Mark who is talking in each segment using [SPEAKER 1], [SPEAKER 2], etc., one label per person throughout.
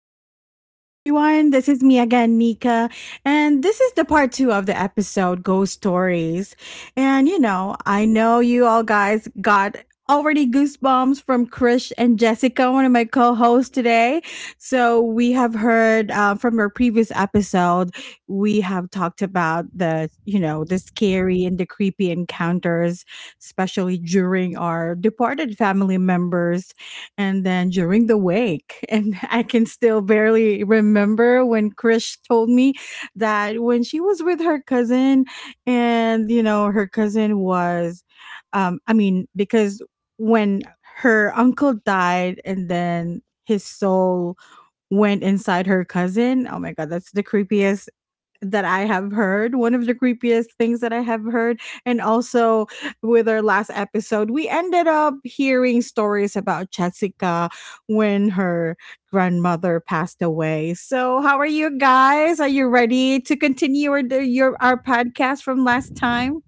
[SPEAKER 1] the podcast, everyone. This is me again, Nika, and this is the part two of the episode Ghost Stories. I know you all guys got already goosebumps from Krish and Jessica, one of my co hosts today. So, we have heard from our previous episode, we have talked about the scary and the creepy encounters especially during our departed family members and then during the wake and I can still barely remember when Krish told me that when she was with her cousin, and you know her cousin was, I mean, because when her uncle died and then his soul went inside her cousin. Oh my God, that's the creepiest that I have heard, one of the creepiest things that I have heard. And also with our last episode, we ended up hearing stories about Jessica when her grandmother passed away. So, how are you guys? Are you ready to continue our podcast from last time?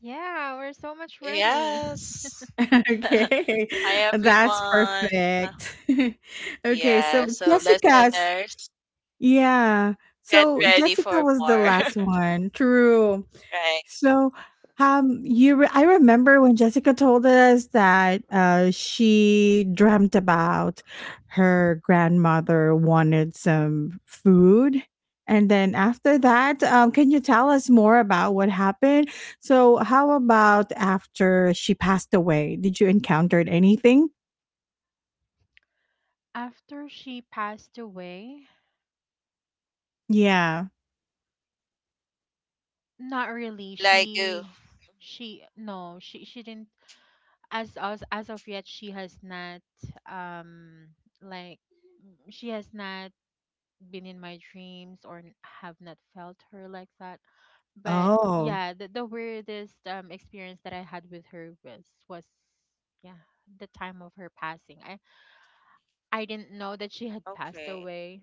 [SPEAKER 2] Yeah, we're so much ready.
[SPEAKER 3] Yes.
[SPEAKER 1] Okay.
[SPEAKER 3] Hi,
[SPEAKER 1] That's
[SPEAKER 3] everyone. Uh,
[SPEAKER 1] perfect. Okay, so
[SPEAKER 3] Yeah, so
[SPEAKER 1] Jessica's
[SPEAKER 3] listeners, mhm,
[SPEAKER 1] yeah.
[SPEAKER 3] get
[SPEAKER 1] So
[SPEAKER 3] ready
[SPEAKER 1] Jessica
[SPEAKER 3] for
[SPEAKER 1] was the
[SPEAKER 3] more.
[SPEAKER 1] last one.
[SPEAKER 2] Mhm.
[SPEAKER 1] True.
[SPEAKER 3] Right.
[SPEAKER 1] So, I remember when Jessica told us that she dreamt about her grandmother wanted some food. And then after that, can you tell us more about what happened? So, how about after she passed away? Did you encounter anything?
[SPEAKER 2] After she passed away,
[SPEAKER 1] Yeah.
[SPEAKER 2] not really.
[SPEAKER 3] Like you.
[SPEAKER 2] She
[SPEAKER 3] Mhm.
[SPEAKER 2] she no, she didn't as of yet she has not um like she has not been in my dreams or have not felt her like that. But
[SPEAKER 1] Oh.
[SPEAKER 2] yeah, the weirdest experience that I had with her was yeah, the time of her passing. I didn't know that she had passed
[SPEAKER 3] Okay.
[SPEAKER 2] away.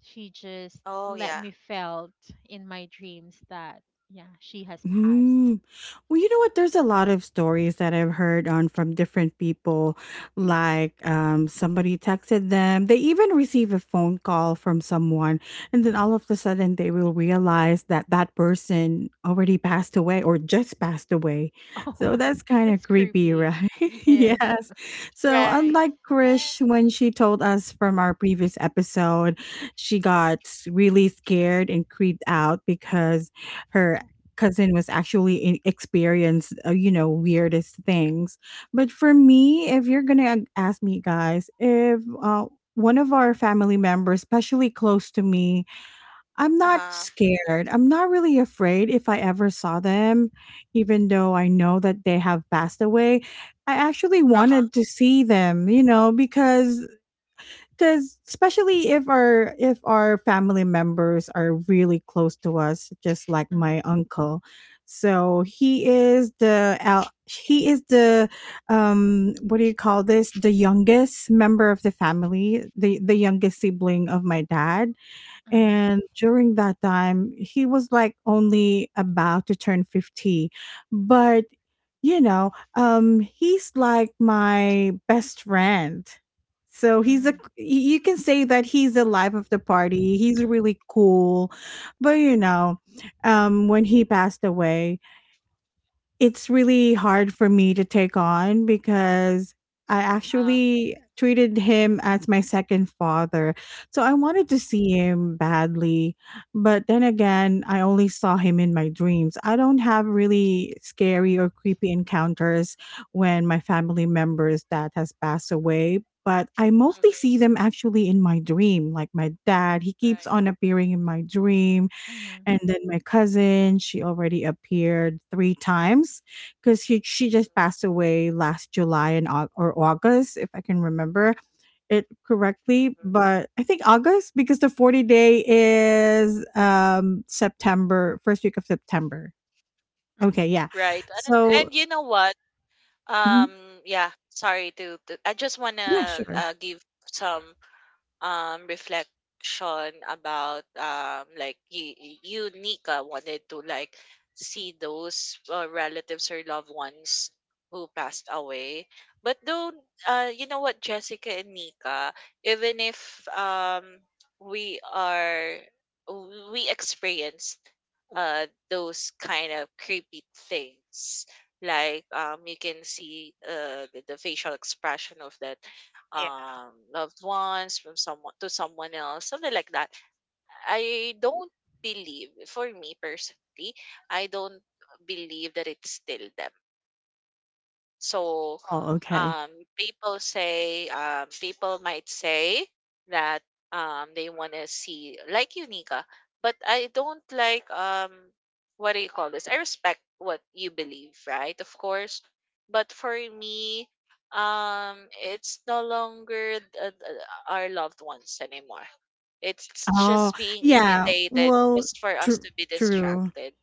[SPEAKER 2] She just
[SPEAKER 3] Oh,
[SPEAKER 2] let
[SPEAKER 3] yeah.
[SPEAKER 2] me felt in my dreams that yeah, she has passed.
[SPEAKER 1] Mm. Well, you know what? There's a lot of stories that I've heard on from different people. Like, somebody texted them. They even receive a phone call from someone, and then all of a sudden they will realize that that person already passed away or just passed away.
[SPEAKER 2] Oh
[SPEAKER 1] So
[SPEAKER 2] my,
[SPEAKER 1] that's kind of
[SPEAKER 2] that's
[SPEAKER 1] creepy,
[SPEAKER 2] creepy.
[SPEAKER 1] right?
[SPEAKER 2] Yeah.
[SPEAKER 1] Yes. So
[SPEAKER 3] Right.
[SPEAKER 1] unlike
[SPEAKER 3] And,
[SPEAKER 1] Krish, when she told us from our previous episode, she got really scared and creeped out because her cousin was actually in experienced, weirdest things. But for me, if you're gonna ask me, guys, if one of our family members, especially close to me, I'm not
[SPEAKER 3] uh-huh.
[SPEAKER 1] scared. I'm not really afraid if I ever saw them, even though I know that they have passed away. I actually
[SPEAKER 3] Uh-huh.
[SPEAKER 1] wanted to see them, you know, because especially if our family members are really close to us, just like
[SPEAKER 2] Mm,
[SPEAKER 1] my uncle. So he is the, what do you call this, the youngest member of the family, the youngest sibling of my dad.
[SPEAKER 2] mm,
[SPEAKER 1] And during that time, he was like only about to turn 50. But, you know, he's like my best friend. So
[SPEAKER 2] mm,
[SPEAKER 1] you can say that he's the life of the party. He's really cool. But, you know, when he passed away, it's really hard for me to take on because I
[SPEAKER 3] Uh,
[SPEAKER 1] actually treated him as my second father. So I wanted to see him badly. But then again, I only saw him in my dreams. I don't have really scary or creepy encounters when my family members that has passed away, but I mostly
[SPEAKER 3] mhm.
[SPEAKER 1] see them actually in my dream. Like my dad, he keeps
[SPEAKER 3] Right.
[SPEAKER 1] on appearing in my dream,
[SPEAKER 2] mhm,
[SPEAKER 1] and then my cousin, she already appeared three times because she just
[SPEAKER 3] Mhm.
[SPEAKER 1] passed away last July and or August, if I can remember it correctly.
[SPEAKER 3] Mhm.
[SPEAKER 1] But I think August because the 40th day is September, first week of September. Okay,
[SPEAKER 2] mhm,
[SPEAKER 1] yeah.
[SPEAKER 3] Right. And,
[SPEAKER 1] So,
[SPEAKER 3] and you know what?
[SPEAKER 1] mhm.
[SPEAKER 3] Yeah, sorry to I just want
[SPEAKER 1] Yeah,
[SPEAKER 3] to
[SPEAKER 1] sure.
[SPEAKER 3] give some reflection about like you Nika wanted to like see those relatives or loved ones who passed away but though you know what, Jessica and Nika, even if we are we experience those kind of creepy things like you can see the facial expression of that
[SPEAKER 1] Yeah.
[SPEAKER 3] loved ones from someone to someone else, something like that. I don't believe, for me personally, I don't believe that it's still them. So
[SPEAKER 1] Oh, okay.
[SPEAKER 3] um, people say, people might say that they want to see like Unica, but I don't like what do you call this? I respect what you believe, right? Of course, but for me, it's no longer th- our loved ones anymore. It's
[SPEAKER 1] Oh,
[SPEAKER 3] just being
[SPEAKER 1] yeah.
[SPEAKER 3] imitated
[SPEAKER 1] Well,
[SPEAKER 3] just for us
[SPEAKER 1] true.
[SPEAKER 3] to be
[SPEAKER 1] True.
[SPEAKER 3] distracted,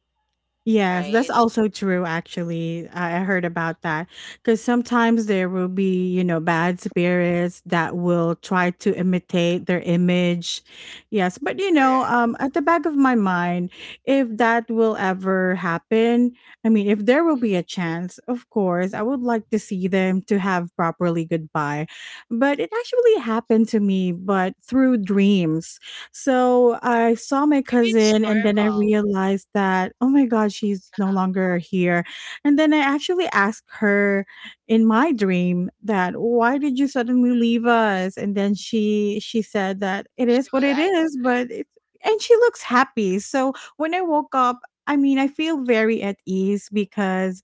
[SPEAKER 1] Yes, that's
[SPEAKER 3] right?
[SPEAKER 1] also true actually. I heard about that because sometimes there will be, you know, bad spirits that will try to imitate their image. Yes, but you know,
[SPEAKER 3] Correct.
[SPEAKER 1] at the back of my mind, if that will ever happen, I mean, if there will
[SPEAKER 3] Mm, mm.
[SPEAKER 1] be a chance, of course, I would like to see them to have properly goodbye. But it actually happened to me but through dreams, so I saw my
[SPEAKER 3] Maybe it's
[SPEAKER 1] cousin and then I
[SPEAKER 3] normal.
[SPEAKER 1] realized that, oh my God, she's no longer here. And then I actually asked her in my dream that why did you suddenly leave us? And then she said that it
[SPEAKER 3] She
[SPEAKER 1] is what
[SPEAKER 3] will
[SPEAKER 1] it is,
[SPEAKER 3] answer.
[SPEAKER 1] but it's, and she looks happy. So when I woke up, I mean I feel very at ease because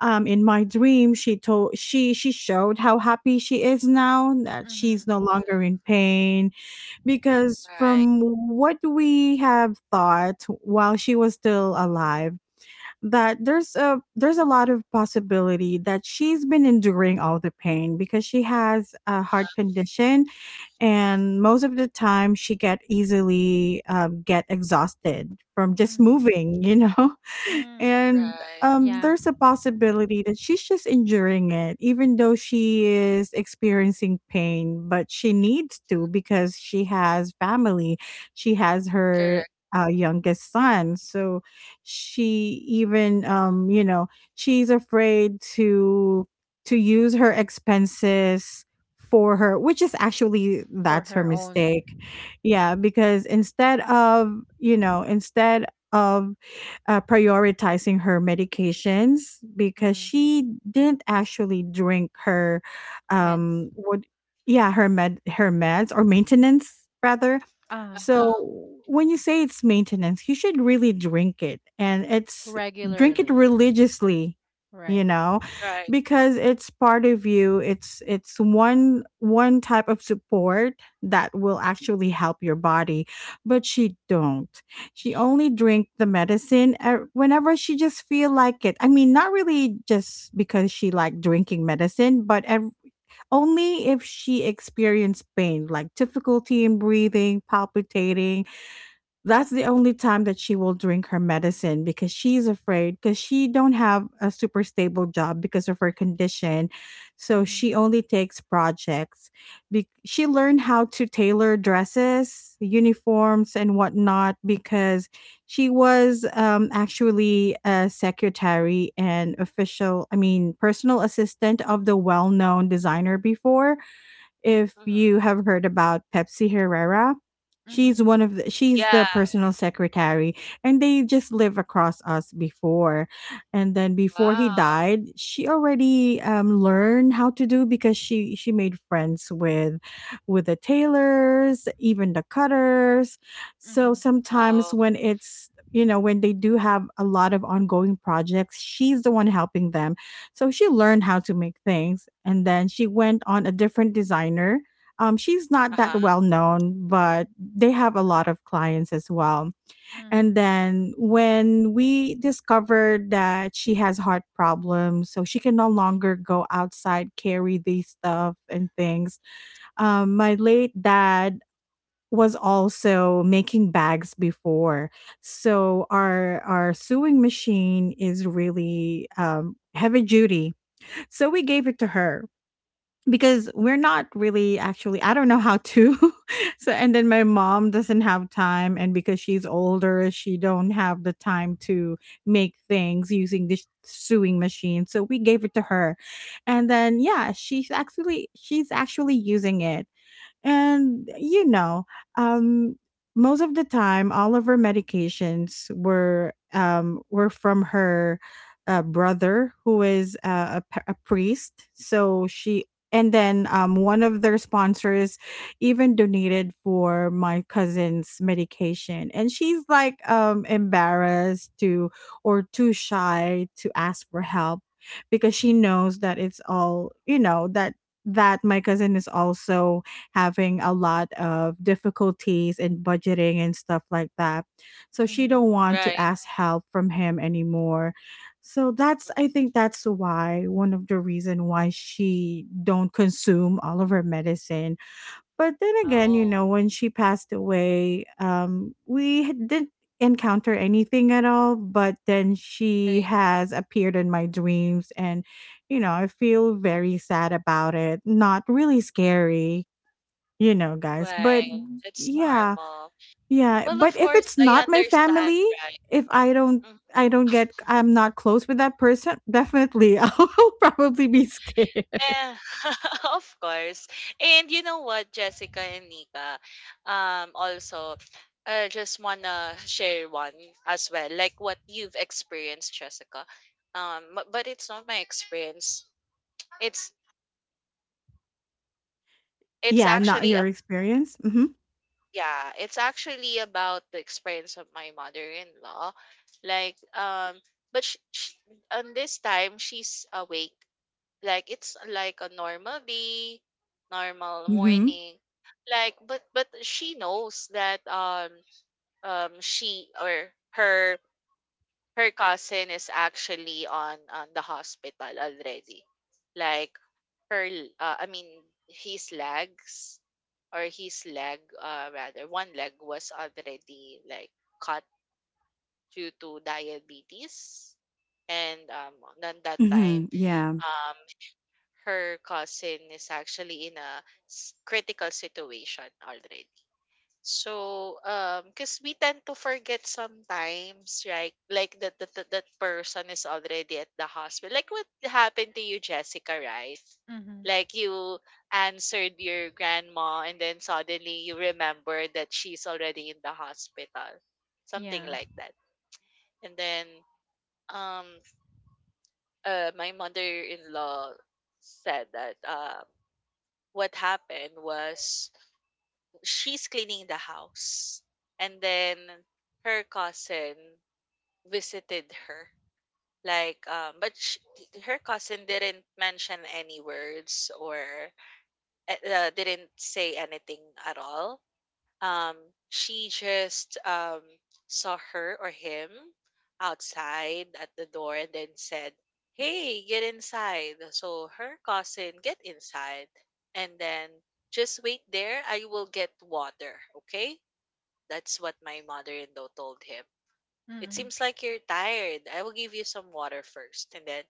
[SPEAKER 1] in my dream she showed how happy she is now that she's
[SPEAKER 2] mhm,
[SPEAKER 1] no longer in
[SPEAKER 3] Huh?
[SPEAKER 1] pain, because
[SPEAKER 3] Right.
[SPEAKER 1] from what we have thought while she was still alive that there's a lot of possibility that she's been enduring all the pain because she has a heart condition, and most of the time she get easily, get exhausted from just
[SPEAKER 2] mhm,
[SPEAKER 1] moving.
[SPEAKER 2] mm.
[SPEAKER 1] And
[SPEAKER 3] Right.
[SPEAKER 2] Yeah,
[SPEAKER 1] there's a possibility that she's just enduring it, even though she is experiencing pain, but she needs to because she has family, she has her
[SPEAKER 3] Correct.
[SPEAKER 1] youngest son. So she even, she's afraid to use her expenses for her, which is actually
[SPEAKER 2] for
[SPEAKER 1] that's her
[SPEAKER 2] her own
[SPEAKER 1] mistake. Yeah, because instead of you know instead of prioritizing her medications, because
[SPEAKER 2] mm,
[SPEAKER 1] she didn't actually drink her,
[SPEAKER 2] meds.
[SPEAKER 1] what yeah, her meds or maintenance rather.
[SPEAKER 2] Ah,
[SPEAKER 1] So
[SPEAKER 3] Oh,
[SPEAKER 1] when you say it's maintenance, you should really drink it and it's drink it
[SPEAKER 2] regularly,
[SPEAKER 1] religiously, you
[SPEAKER 2] right?
[SPEAKER 1] know,
[SPEAKER 3] right.
[SPEAKER 1] because it's part of you. It's one type of support that will actually help your body, but she don't. She
[SPEAKER 2] Sh-
[SPEAKER 1] only drink the medicine whenever she just feel like it. I mean, not really just because she like drinking medicine, but only if she experienced pain, like difficulty in breathing, palpitating, that's the only time that she will drink her medicine because she's afraid, because she don't have a super stable job because of her condition. So
[SPEAKER 2] Mhm,
[SPEAKER 1] she only takes projects. She learned how to tailor dresses, uniforms and whatnot, because she was, actually a secretary and official, I mean, personal assistant of the well-known designer before, if you
[SPEAKER 3] Mm-hmm.
[SPEAKER 1] have heard about Pepsi Herrera.
[SPEAKER 2] mhm,
[SPEAKER 1] She's
[SPEAKER 3] Yeah.
[SPEAKER 1] the personal secretary, and they just live across us before. And then before he
[SPEAKER 3] Wow.
[SPEAKER 1] died, she already, learned how to do because she made friends with the tailors, even the cutters. So
[SPEAKER 2] mhm,
[SPEAKER 3] Oh.
[SPEAKER 1] sometimes when it's you know when they do have a lot of ongoing projects, she's the one helping them, so she learned how to make things, and then she went on a different designer. She's not that
[SPEAKER 3] Uh-huh.
[SPEAKER 1] well known, but they have a lot of clients as well. And
[SPEAKER 2] mhm,
[SPEAKER 1] then when we discovered that she has heart problems, so she can no longer go outside, carry these stuff and things, my
[SPEAKER 3] Mm,
[SPEAKER 1] late dad was also making bags before, so our sewing machine is really, heavy duty, so we gave it to her, because we're not really actually I don't know how to. So and then my mom doesn't have time and because she's older, she don't have the time to make things using this sewing machine. So we gave it to her. And then yeah, she's actually using it. And you know, um, most of the time, all of her medications were, were from her, brother, who is, a priest. So she, and then, one of their sponsors even donated for my cousin's medication, and she's like, embarrassed to or too shy to ask for help, because she knows that it's all, that my cousin is also having a lot of difficulties in budgeting and stuff like that. So she
[SPEAKER 2] mhm,
[SPEAKER 1] don't want to
[SPEAKER 3] Right.
[SPEAKER 1] ask help from him anymore. So that's,
[SPEAKER 3] Mm.
[SPEAKER 1] I think that's why one of the reason why she don't consume all of her medicine. But then again, you
[SPEAKER 3] Oh.
[SPEAKER 1] know, when she passed away, didn't encounter anything at all, but then she
[SPEAKER 3] Right.
[SPEAKER 1] has appeared in my dreams, and I feel very sad about it. Not really scary, guys. But
[SPEAKER 3] Right. It's
[SPEAKER 1] yeah,
[SPEAKER 3] normal.
[SPEAKER 1] yeah.
[SPEAKER 3] Well,
[SPEAKER 1] But
[SPEAKER 3] of
[SPEAKER 1] if
[SPEAKER 3] course,
[SPEAKER 1] it's
[SPEAKER 3] I
[SPEAKER 1] not my
[SPEAKER 3] understand,
[SPEAKER 1] family,
[SPEAKER 3] right?
[SPEAKER 1] if I don't,
[SPEAKER 3] Mhm.
[SPEAKER 1] I don't get, I'm not close with that person. Definitely, I'll probably be scared.
[SPEAKER 3] Eh, of course. And you know what, Jessica and Nika, also, I just wanna share one as well, like what you've experienced, Jessica. But it's not my experience. It's it's
[SPEAKER 1] Yeah, not
[SPEAKER 3] actually
[SPEAKER 1] your
[SPEAKER 3] a
[SPEAKER 1] experience. Mm-hmm.
[SPEAKER 3] yeah, it's actually about the experience of my mother-in-law. Like but sh sh on this time she's awake. Like it's like a normal day, normal
[SPEAKER 1] Mm-hmm.
[SPEAKER 3] morning. But she knows that she or her her cousin is actually on the hospital already. Like her I mean his legs or his leg rather one leg was already like cut due to diabetes, and on that time
[SPEAKER 1] Mm-hmm. Yeah.
[SPEAKER 3] um, her cousin is actually in a critical situation already. So, because we tend to forget sometimes, right? Like that, that person is already at the hospital. Like what happened to you, Jessica, right?
[SPEAKER 2] mhm.
[SPEAKER 3] Like you answered your grandma, and then suddenly you remember that she's already in the hospital, something
[SPEAKER 2] Yeah.
[SPEAKER 3] like that. And then, um, my mother-in-law said that, what happened was she's cleaning the house, and then her cousin visited her. Like her cousin didn't mention any words or didn't say anything at all. um she just saw her or him outside at the door and then said, "Hey, get inside," so her cousin get inside, and then, "Just wait there, I will get water, okay." That's what my mother-in-law told him. "It
[SPEAKER 2] Mm,
[SPEAKER 3] seems like you're tired, I will give you some water first." And then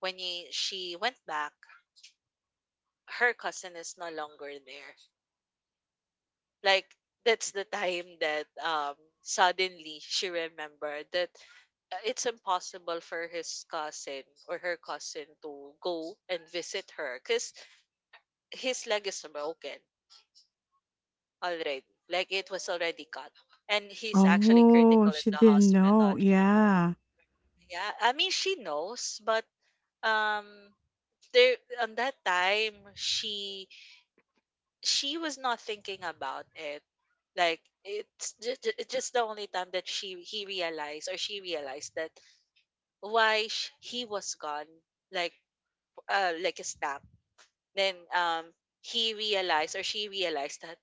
[SPEAKER 3] when she went back, her cousin is no longer there. Like that's the time that suddenly she remembered that it's impossible for his cousin or her cousin to go and visit her because his leg is broken already. Like it was already cut. And he's actually
[SPEAKER 1] Oh,
[SPEAKER 3] critical in
[SPEAKER 1] she
[SPEAKER 3] the
[SPEAKER 1] didn't know.
[SPEAKER 3] hospital.
[SPEAKER 1] Yeah.
[SPEAKER 3] Yeah. I mean she knows, but um there on that time she was not thinking about it. Like it's just the only time that she he realized or she realized that why he was gone, like like a snap. Then he realized or she realized that,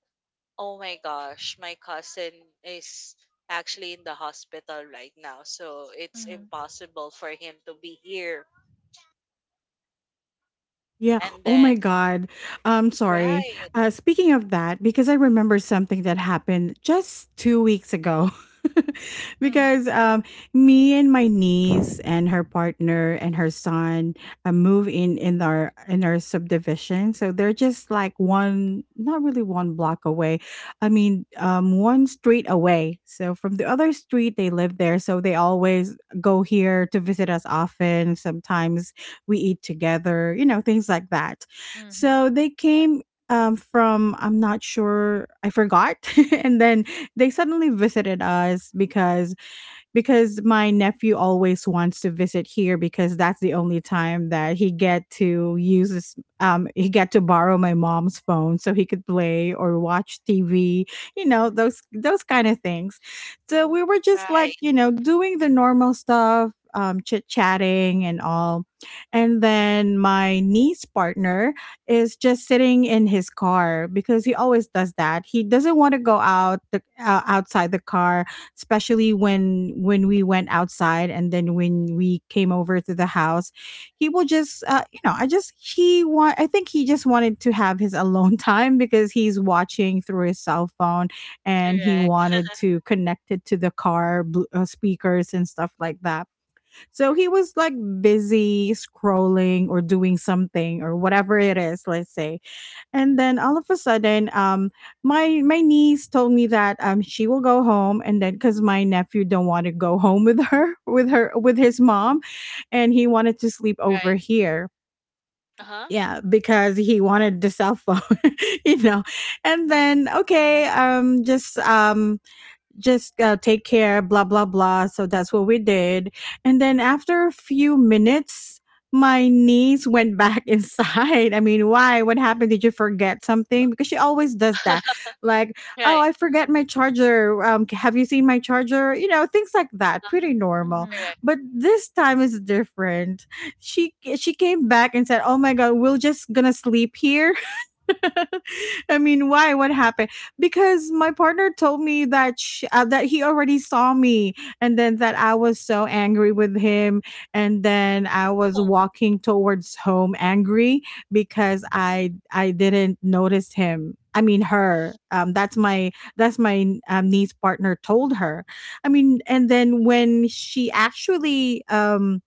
[SPEAKER 3] "Oh my gosh, my cousin is actually in the hospital right now, so it's
[SPEAKER 2] mm,
[SPEAKER 3] impossible for him to be here."
[SPEAKER 1] Yeah.
[SPEAKER 3] And
[SPEAKER 1] Oh my
[SPEAKER 3] then
[SPEAKER 1] God. I'm sorry.
[SPEAKER 3] right
[SPEAKER 1] Speaking of that, because I remember something that happened just 2 weeks ago.
[SPEAKER 2] mm,
[SPEAKER 1] Because, me and my niece and her partner and her son, move in our subdivision, so they're just like one, not really one block away. I mean, one street away. So from the other street, they live there, so they always go here to visit us often. Sometimes we eat together, you know, things like that.
[SPEAKER 2] mhm.
[SPEAKER 1] So they came, from, I'm not sure, I forgot. And then they suddenly visited us because my nephew always wants to visit here because that's the only time that he get to use his, he get to borrow my mom's phone so he could play or watch TV, you know,
[SPEAKER 2] Mhm.
[SPEAKER 1] those kind of things. So we were just
[SPEAKER 3] right
[SPEAKER 1] like, you know, doing the normal stuff, chit-chatting and all. And then my niece partner is just sitting in his car because he always does that. He doesn't want to go out the, outside the car especially when we went outside and then when we came over to the house he will just you know I just he want I think he just wanted to have his alone time because he's watching through his cell phone and he
[SPEAKER 3] correct
[SPEAKER 1] wanted to connect it to the car speakers and stuff like that so he
[SPEAKER 3] correct
[SPEAKER 1] was like busy scrolling or doing something or whatever it is, let's say. And then all of a sudden, my niece told me that she will go home, and then because my nephew don't want to go home with her, with her, with his mom, and he wanted to sleep over
[SPEAKER 3] right
[SPEAKER 1] here.
[SPEAKER 3] uh huh
[SPEAKER 1] Yeah, because he wanted the cell phone, you know. And then okay, just take care, blah, blah, blah. So that's what we did. And then after a few minutes, my niece went back inside. I mean, why? What happened? Did you forget something? Because she always does that. Like, oh,
[SPEAKER 3] right
[SPEAKER 1] I forget my charger. Have you seen my charger? You know, things like that.
[SPEAKER 3] uh,
[SPEAKER 1] Pretty normal.
[SPEAKER 2] Mhm.
[SPEAKER 3] correct.
[SPEAKER 1] But this time is different. She came back and said, "Oh my god, we're just gonna sleep here." I mean, why? What happened? Because my partner told me that sh that he already saw me, and then that I was so angry with him, and then I was
[SPEAKER 3] Oh,
[SPEAKER 1] walking towards home angry because I didn't notice him. I mean, her. That's my niece partner told her. I mean, and then when she actually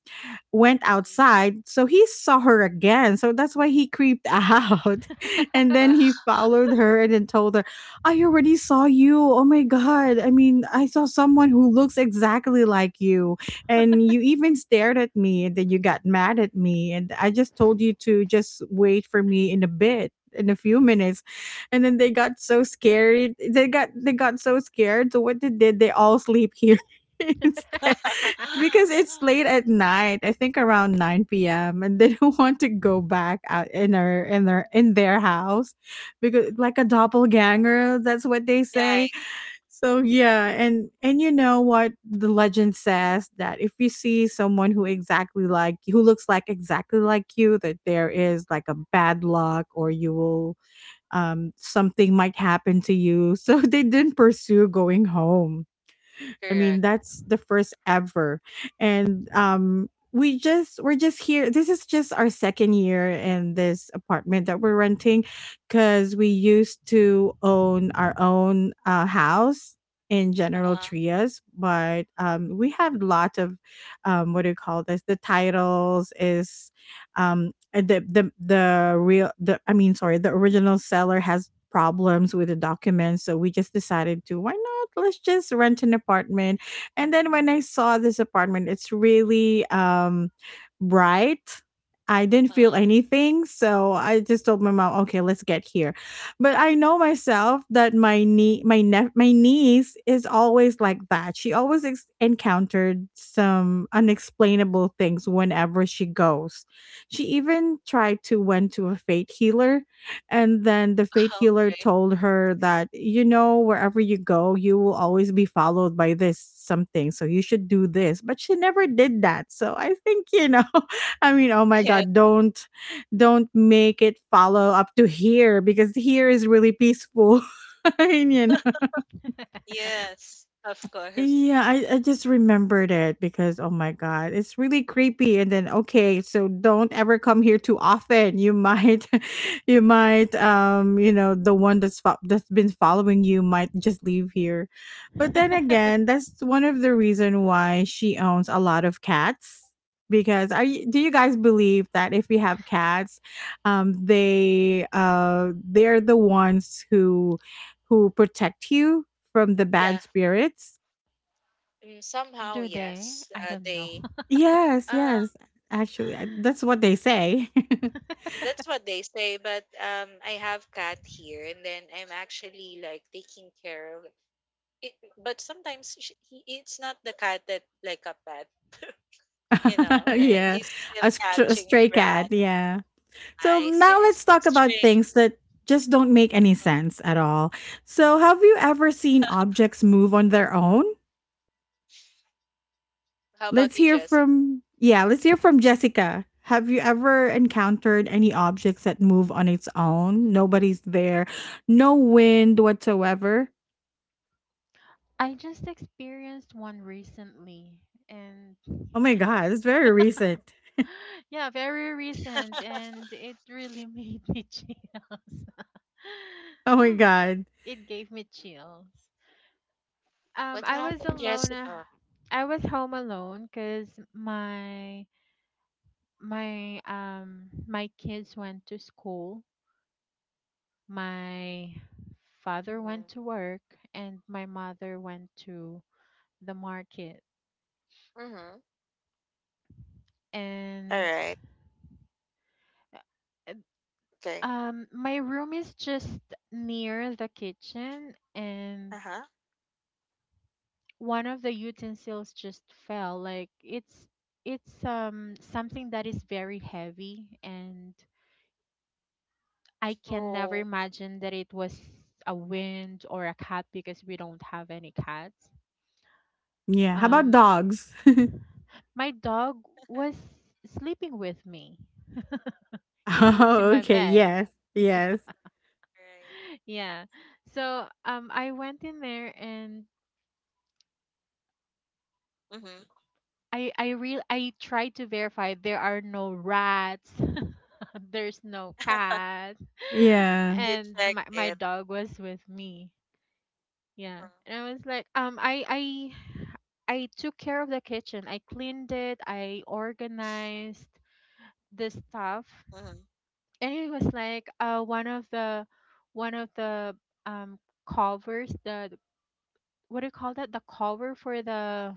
[SPEAKER 1] went
[SPEAKER 3] Mhm.
[SPEAKER 1] outside. So he saw her again. So that's why he creeped out. And then
[SPEAKER 3] Wow.
[SPEAKER 1] he followed her and then told her, I already saw you. Oh my God. I mean, I saw someone who looks exactly like you. And you even stared at me and then you got mad at me. And I just told you to just wait for me in a bit, in a few minutes. And then they got so scared, they got so scared, so what they did, they all sleep here instead because it's late at night. I think around 9 p.m. and they don't want to go back out in her in their house because like a doppelganger, that's what they
[SPEAKER 3] Right.
[SPEAKER 1] say. So
[SPEAKER 3] Mhm.
[SPEAKER 1] yeah, and you know what the legend says, that if you see someone who exactly like you, that there is like a bad luck or you will something might happen to you. So they didn't pursue going home. I mean,
[SPEAKER 3] Correct.
[SPEAKER 1] that's the first ever. And we're just here. This is just our second year in this apartment that we're renting cuz we used to own our own house in General
[SPEAKER 3] Uh-huh.
[SPEAKER 1] Trias, but we have a lot of what do you call this? The titles is the real the I mean, sorry, the original seller has problems with the documents. So we just decided to, why not? Let's just rent an apartment. And then when I saw this apartment, it's really bright. I didn't feel
[SPEAKER 3] Uh-huh.
[SPEAKER 1] anything. So I just told my mom, okay, let's get here. But I know myself that my niece is always like that. She always encountered some unexplainable things whenever she goes. She even tried to went to a fate healer and then the fate healer
[SPEAKER 3] Okay.
[SPEAKER 1] told her that, you know, wherever you go, you will always be followed by this something. So you should do this. But she never did that. So I think, you know, I mean, oh my
[SPEAKER 3] Yeah.
[SPEAKER 1] God, don't make it follow up to here because here is really peaceful. I mean, you
[SPEAKER 3] Yes. Of course.
[SPEAKER 1] yeah, I just remembered it because oh my god, it's really creepy. And then okay, so don't ever come here too often. You might, you might, you know, the one that's that's been following you might just leave here. But then again, that's one of the reason why she owns a lot of cats. Because are you, do you guys believe that if we have cats, they're the ones who protect you from the
[SPEAKER 3] Yeah.
[SPEAKER 1] bad spirits.
[SPEAKER 3] Mm, somehow,
[SPEAKER 2] Do they?
[SPEAKER 3] yes.
[SPEAKER 2] I don't know.
[SPEAKER 3] They.
[SPEAKER 1] Yes,
[SPEAKER 3] Uh,
[SPEAKER 1] yes. Actually, that's what they say.
[SPEAKER 3] that's what they say. But I have cat here, and then I'm actually like taking care of it. But sometimes sh he, it's not the cat that like a pet. You know,
[SPEAKER 1] Yeah,
[SPEAKER 3] he's still
[SPEAKER 1] a, a
[SPEAKER 3] catching
[SPEAKER 1] stray cat.
[SPEAKER 3] rat
[SPEAKER 1] Yeah. So
[SPEAKER 3] mice.
[SPEAKER 1] now
[SPEAKER 3] It's
[SPEAKER 1] let's talk about
[SPEAKER 3] stray.
[SPEAKER 1] things that just don't make any
[SPEAKER 3] Mm-hmm.
[SPEAKER 1] sense at all. So, have you ever seen objects move on their own?
[SPEAKER 3] How about
[SPEAKER 1] Let's
[SPEAKER 3] you,
[SPEAKER 1] hear
[SPEAKER 3] Jessica?
[SPEAKER 1] from yeah. Let's hear from Jessica. Have you ever encountered any objects that move on its own? Nobody's there, no wind whatsoever.
[SPEAKER 2] I just experienced one recently and
[SPEAKER 1] Oh my god, it's very recent.
[SPEAKER 2] yeah, very recent and it really made me chills.
[SPEAKER 1] Oh my god.
[SPEAKER 2] it gave me chills.
[SPEAKER 3] What
[SPEAKER 2] I was
[SPEAKER 3] happened,
[SPEAKER 2] alone.
[SPEAKER 3] Jessica?
[SPEAKER 2] I was home alone cuz my kids went to school. My father went to
[SPEAKER 3] Mm-hmm.
[SPEAKER 2] work and my mother went to the market.
[SPEAKER 3] Mm-hmm. All
[SPEAKER 2] And
[SPEAKER 3] right.
[SPEAKER 2] uh,
[SPEAKER 3] Okay.
[SPEAKER 2] my room is just near the kitchen, and
[SPEAKER 3] Uh huh.
[SPEAKER 2] one of the utensils just fell. Like it's something that is very heavy, and I can never
[SPEAKER 3] Oh.
[SPEAKER 2] imagine that it was a wind or a cat because we don't have any cats.
[SPEAKER 1] Yeah. How about
[SPEAKER 2] Um
[SPEAKER 1] dogs?
[SPEAKER 2] My dog was sleeping with me. He sleeps in
[SPEAKER 1] Oh,
[SPEAKER 2] my
[SPEAKER 1] okay.
[SPEAKER 2] bed.
[SPEAKER 1] Yes. Yes.
[SPEAKER 3] Right.
[SPEAKER 2] Yeah. So I went in there, and
[SPEAKER 3] Mm-hmm.
[SPEAKER 2] I tried to verify there are no rats, there's no cat,
[SPEAKER 1] Yeah.
[SPEAKER 3] You
[SPEAKER 2] and
[SPEAKER 3] check
[SPEAKER 2] my
[SPEAKER 3] it.
[SPEAKER 2] dog was with me. Yeah.
[SPEAKER 3] Mm-hmm.
[SPEAKER 2] And I was like, I took care of the kitchen. I cleaned it, I organized the stuff,
[SPEAKER 3] Mm-hmm.
[SPEAKER 2] and it was like one of the um covers what do you call that, the cover for the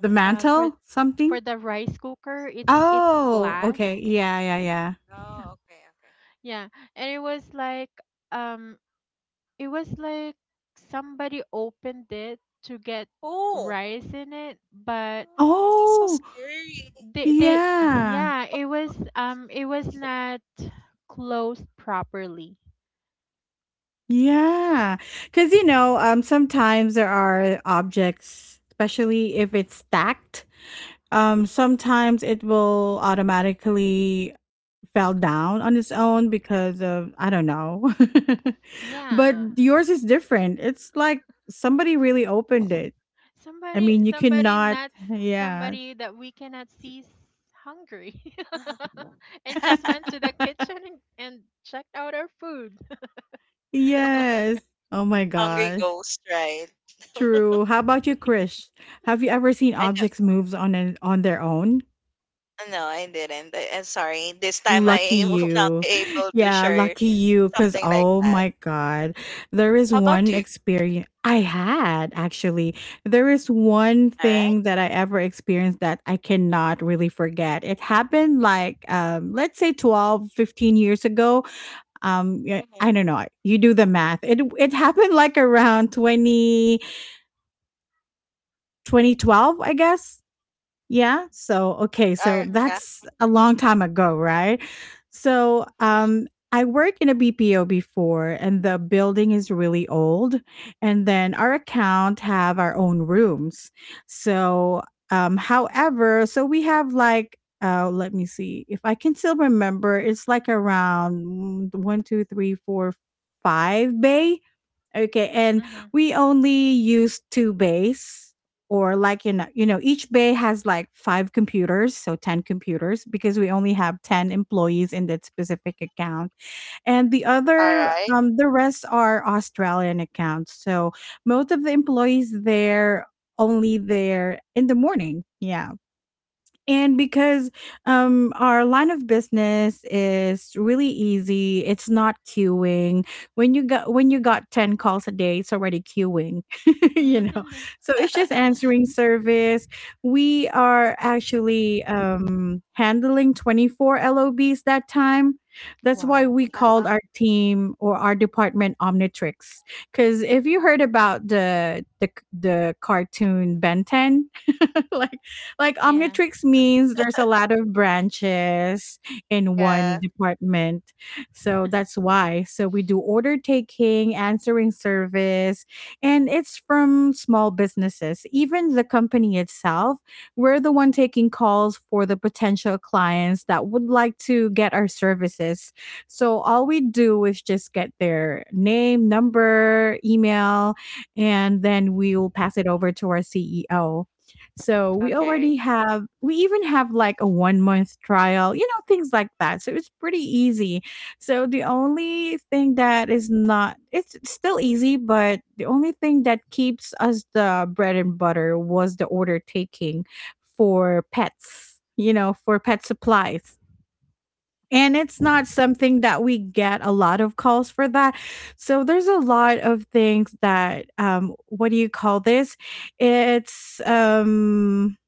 [SPEAKER 1] The
[SPEAKER 2] uh for
[SPEAKER 1] mantle? Something?
[SPEAKER 2] for the rice cooker. It's
[SPEAKER 1] Oh,
[SPEAKER 2] glass.
[SPEAKER 1] okay. Yeah, yeah, yeah.
[SPEAKER 3] Oh, okay. Okay.
[SPEAKER 2] Yeah. And it was like, um it was like somebody opened it to get
[SPEAKER 3] Oh.
[SPEAKER 2] rice in it, but
[SPEAKER 3] Mm, it's so
[SPEAKER 1] Oh,
[SPEAKER 3] scary.
[SPEAKER 2] they
[SPEAKER 1] yeah.
[SPEAKER 2] yeah, it was, it was not closed properly.
[SPEAKER 1] Yeah. Cuz you know, sometimes there are objects, especially if it's stacked,
[SPEAKER 3] Mm.
[SPEAKER 1] sometimes it will automatically fell down on its own because of I don't know. But
[SPEAKER 2] Yeah.
[SPEAKER 1] yours is different. It's like somebody really opened it. I
[SPEAKER 2] Somebody,
[SPEAKER 1] mean, you
[SPEAKER 2] somebody
[SPEAKER 1] cannot
[SPEAKER 2] not s-
[SPEAKER 1] yeah.
[SPEAKER 2] Somebody that we cannot see is hungry, and just
[SPEAKER 3] Uh-huh.
[SPEAKER 2] went to the kitchen and checked out our food. oh my
[SPEAKER 1] Yes.
[SPEAKER 2] god.
[SPEAKER 1] Oh my
[SPEAKER 3] Hungry
[SPEAKER 1] gosh.
[SPEAKER 3] ghost, right?
[SPEAKER 1] True. How about you,
[SPEAKER 2] Yeah.
[SPEAKER 1] Krish? Have you ever seen
[SPEAKER 3] I know.
[SPEAKER 1] objects moves on an, on their own?
[SPEAKER 3] No, I didn't. I'm sorry. This time
[SPEAKER 1] Lucky
[SPEAKER 3] I will not
[SPEAKER 1] you.
[SPEAKER 3] be able to
[SPEAKER 1] Yeah,
[SPEAKER 3] share
[SPEAKER 1] lucky you cuz
[SPEAKER 3] something like
[SPEAKER 1] oh
[SPEAKER 3] that.
[SPEAKER 1] my god. There is
[SPEAKER 3] How about
[SPEAKER 1] one
[SPEAKER 3] you?
[SPEAKER 1] experience I had actually. There is one
[SPEAKER 3] All
[SPEAKER 1] thing that I ever experienced that I cannot really forget. It happened like let's say 12, 15 years ago. Yeah, I
[SPEAKER 3] right.
[SPEAKER 1] don't know, you do the math. It happened like around 2012, I guess. Yeah. So, okay.
[SPEAKER 3] Alright.
[SPEAKER 1] So
[SPEAKER 2] Mhm.
[SPEAKER 3] Yeah.
[SPEAKER 1] that's a long time ago, right? So,
[SPEAKER 3] Mhm.
[SPEAKER 1] I worked in a BPO before and the building is really old. And then our account have our own rooms. So, so we have like, let me see if I can still remember, it's like around one, two, three, four, five bay. Okay, and
[SPEAKER 2] Mhm.
[SPEAKER 1] we only use two bays, or like you know, each bay has like 5 computers, so 10 computers, because we only have 10 employees in that specific account, and the other,
[SPEAKER 3] Alright.
[SPEAKER 1] the rest are Australian accounts. So most of the employees there only there in the morning. Yeah. And because our line of business is really easy, it's not queuing. When you got 10 calls a day, it's already queuing. You know,
[SPEAKER 2] Mhm.
[SPEAKER 1] so it's just answering service. We are actually handling 24 lobs that time. That's why
[SPEAKER 2] wow.
[SPEAKER 1] we
[SPEAKER 3] Uh-huh.
[SPEAKER 1] called our team or our department Omnitrix. Because if you heard about the cartoon Ben 10, like like
[SPEAKER 2] Yeah.
[SPEAKER 1] Omnitrix means there's a lot of branches in one
[SPEAKER 3] Yeah.
[SPEAKER 1] department. So that's why. So we do order taking, answering service, and it's from small businesses. Even the company itself, we're the one taking calls for the potential clients that would like to get our services. So all we do is just get their name, number, email, and then we will pass it over to our CEO. So we
[SPEAKER 3] Okay.
[SPEAKER 1] already have, we even have like a 1 month trial, you know, things like that. So it's pretty easy. So the only thing that is not, it's still easy, but the only thing that keeps us the bread and butter was the order taking for pets, you know, for pet supplies. And it's not something that we get a lot of calls for that. So there's a lot of things that, what do you call this? It's,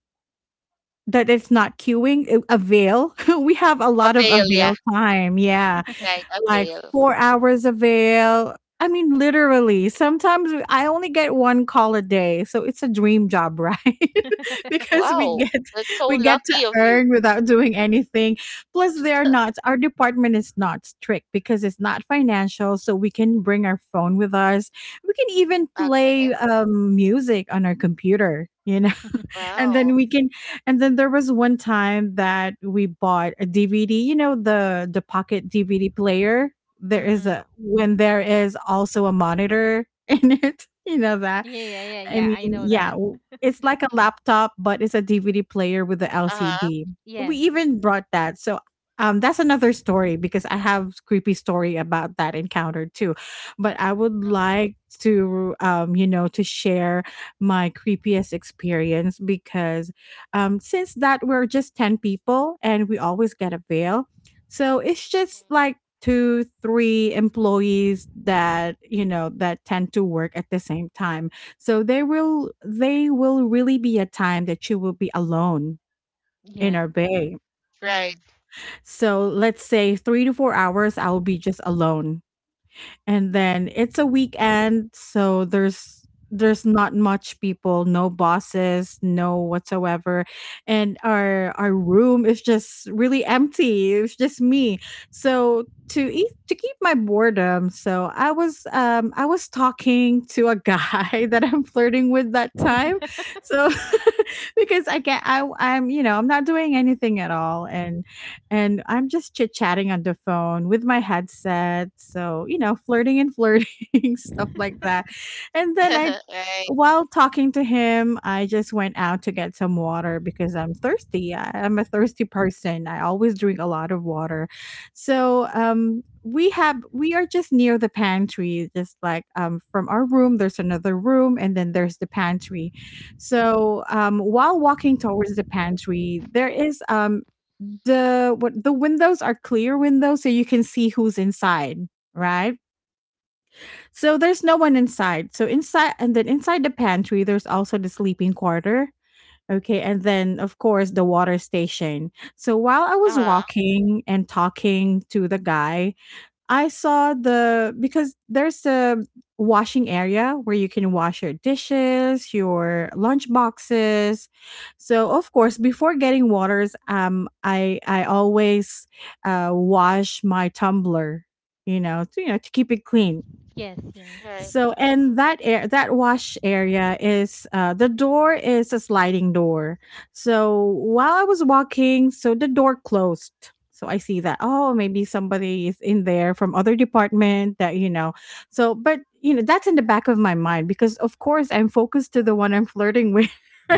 [SPEAKER 1] that it's not queuing, avail. We have a
[SPEAKER 3] A
[SPEAKER 1] lot of
[SPEAKER 3] veil, yeah.
[SPEAKER 1] avail time, yeah,
[SPEAKER 3] Right, a
[SPEAKER 1] like
[SPEAKER 3] veil.
[SPEAKER 1] 4 hours avail. I mean, literally, sometimes we I only get 1 call a day, so it's a dream job, right? Because
[SPEAKER 3] Wow. That's so
[SPEAKER 1] we get
[SPEAKER 3] lucky
[SPEAKER 1] to
[SPEAKER 3] of you.
[SPEAKER 1] earn without doing anything. Plus, they are not our department is not strict because it's not financial, so we can bring our phone with us. We can even
[SPEAKER 3] Okay.
[SPEAKER 1] play, music on our computer, you know? And
[SPEAKER 3] Wow.
[SPEAKER 1] then we can and then there was one time that we bought a DVD, you know, the pocket DVD player. There is
[SPEAKER 2] mhm.
[SPEAKER 1] a when there is also a monitor in it, you know that.
[SPEAKER 2] Yeah. Yeah. Yeah.
[SPEAKER 1] I
[SPEAKER 2] Yeah.
[SPEAKER 1] mean,
[SPEAKER 2] I know
[SPEAKER 1] yeah,
[SPEAKER 2] that.
[SPEAKER 1] it's like a laptop, but it's a DVD player with the
[SPEAKER 3] Uh-huh.
[SPEAKER 1] LCD. We
[SPEAKER 2] Yes.
[SPEAKER 1] even brought that. So that's another story because I have creepy story about that encounter too. But I would
[SPEAKER 3] Uh-huh.
[SPEAKER 1] like to, to share my creepiest experience because since that we're just 10 people and we always get a veil. So it's just
[SPEAKER 3] Mhm.
[SPEAKER 1] like two, three employees that, you know, that tend to work at the same time, so there will they will really be a time that you will be alone in
[SPEAKER 2] Yeah.
[SPEAKER 1] our bay.
[SPEAKER 3] Right.
[SPEAKER 2] Mm.
[SPEAKER 1] So let's say 3 to 4 hours I will be just alone, and then it's a weekend, so there's not much people, no bosses, no whatsoever, and our room is just really empty, it's just me. So to eat, to keep my boredom, so I was talking to a guy that I'm flirting with that time. So, because I'm you know, I'm not doing anything at all, and I'm just chit chatting on the phone with my headset. So, you know, flirting and flirting, stuff like that. And then
[SPEAKER 3] Right.
[SPEAKER 1] while talking to him, I just went out to get some water because I'm thirsty. I'm a thirsty person. I always drink a lot of water. So, we are just near the pantry, just like, um, from our room there's another room and then there's the pantry. So while walking towards the pantry, there is, the what the windows are clear windows, so you can see who's inside, right? So there's no one inside, so inside and then inside the pantry there's also the sleeping quarter, okay, and then of course the water station. So while I was
[SPEAKER 3] Uh-huh.
[SPEAKER 1] walking and talking to the guy, I saw the because there's a washing area where you can wash your dishes, your lunch boxes. So of course, before getting waters, I always wash my tumbler, you know, to keep it clean.
[SPEAKER 2] yes. Yes.
[SPEAKER 3] Right.
[SPEAKER 1] So,
[SPEAKER 3] Mhm.
[SPEAKER 1] and that air, that wash area is, the door is a sliding door. So while I was walking, the door closed. So I see that, oh, maybe somebody is in there from other department that, you know. So but you know, that's in the back of my mind because of course I'm focused to the one I'm flirting with.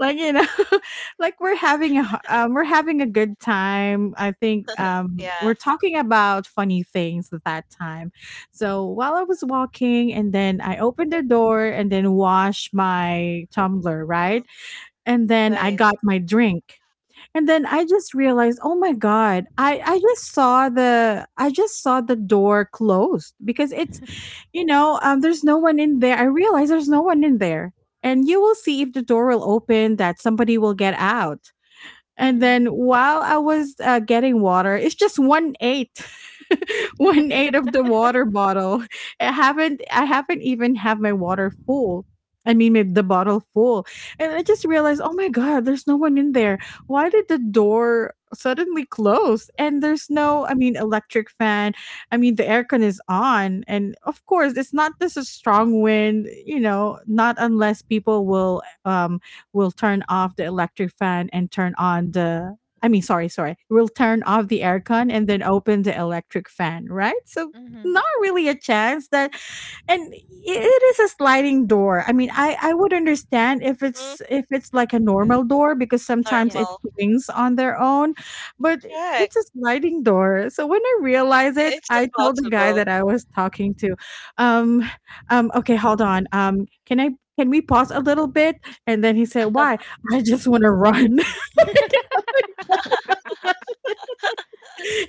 [SPEAKER 1] Like, you know, like we're having a we're having a good time. I think,
[SPEAKER 3] Yeah.
[SPEAKER 1] we're talking about funny things at that time. So while I was walking, and then I opened the door and then washed my tumbler,
[SPEAKER 3] Mhm.
[SPEAKER 1] right? And then I
[SPEAKER 3] Right.
[SPEAKER 1] got my drink. And then I just realized, oh my god, I just saw the I just saw the door closed because it's, you know, there's no one in there. I realized there's no one in there, and you will see if the door will open that somebody will get out. And then
[SPEAKER 2] mhm.
[SPEAKER 1] while I was, getting water, it's just one eighth, one eighth of the water bottle. I haven't even have my water full. I mean, the bottle full, and I just realized, oh my god, there's no one in there. Why did the door suddenly close? And there's no, I mean, electric fan. I mean, the aircon is on, and of course, it's not this a strong wind. You know, not unless people will turn off the electric fan and turn on the I mean, sorry, sorry. We'll turn off the aircon and then open the electric fan, right? So
[SPEAKER 2] mhm.
[SPEAKER 1] not really a chance that. and i- it is a sliding door. I mean, I would understand if
[SPEAKER 3] Mhm.
[SPEAKER 1] it's like a
[SPEAKER 3] Yeah.
[SPEAKER 1] normal door because sometimes
[SPEAKER 2] Yeah.
[SPEAKER 1] it
[SPEAKER 3] Normal.
[SPEAKER 1] swings on their own, but
[SPEAKER 3] Correct.
[SPEAKER 1] it's a sliding door. So when I realized it,
[SPEAKER 3] It's
[SPEAKER 1] I told the guy
[SPEAKER 3] impossible.
[SPEAKER 1] that I was talking to, um, okay, hold on, can I? Can we pause a little bit? And then he said, "Why?" I just want to run. And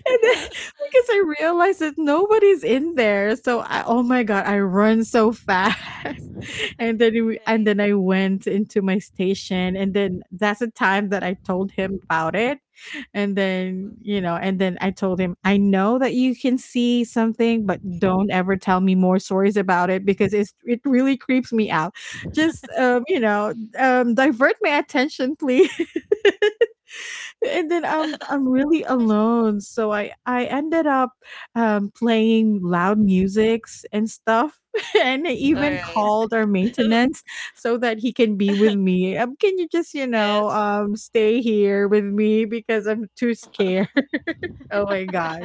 [SPEAKER 1] then, because I realized that nobody's in there. So I, oh my god, I run so fast. And and
[SPEAKER 3] Right.
[SPEAKER 1] then I went into my station, and then that's the time that I told him about it. And then, you know, and then I told him, I know that you can see something, but don't ever tell me more stories about it because it really creeps me out. Just, um, you know, divert my attention, please. And then I'm I'm really alone. So I ended up, playing loud musics and stuff, and I
[SPEAKER 3] All
[SPEAKER 1] even
[SPEAKER 3] right.
[SPEAKER 1] called our maintenance so that he can be with me. Can you just, you know,
[SPEAKER 3] Yes.
[SPEAKER 1] stay here with me because I'm too scared? Oh my god.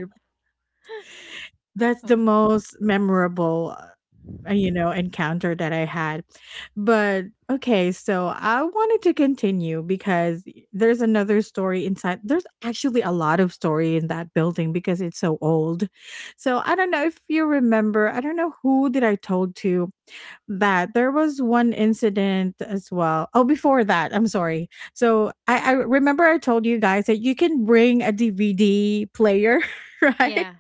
[SPEAKER 1] That's the
[SPEAKER 2] Oh my gosh.
[SPEAKER 1] most memorable, you know, encounter that I had. But okay, so I wanted to continue because there's another story inside. There's actually a lot of story in that building because it's so old. So I don't know if you remember, I don't know who did I told to, that there was one incident as well. Oh, before that, I'm sorry. So I remember I told you guys that you can bring a DVD player, right?
[SPEAKER 2] Yeah.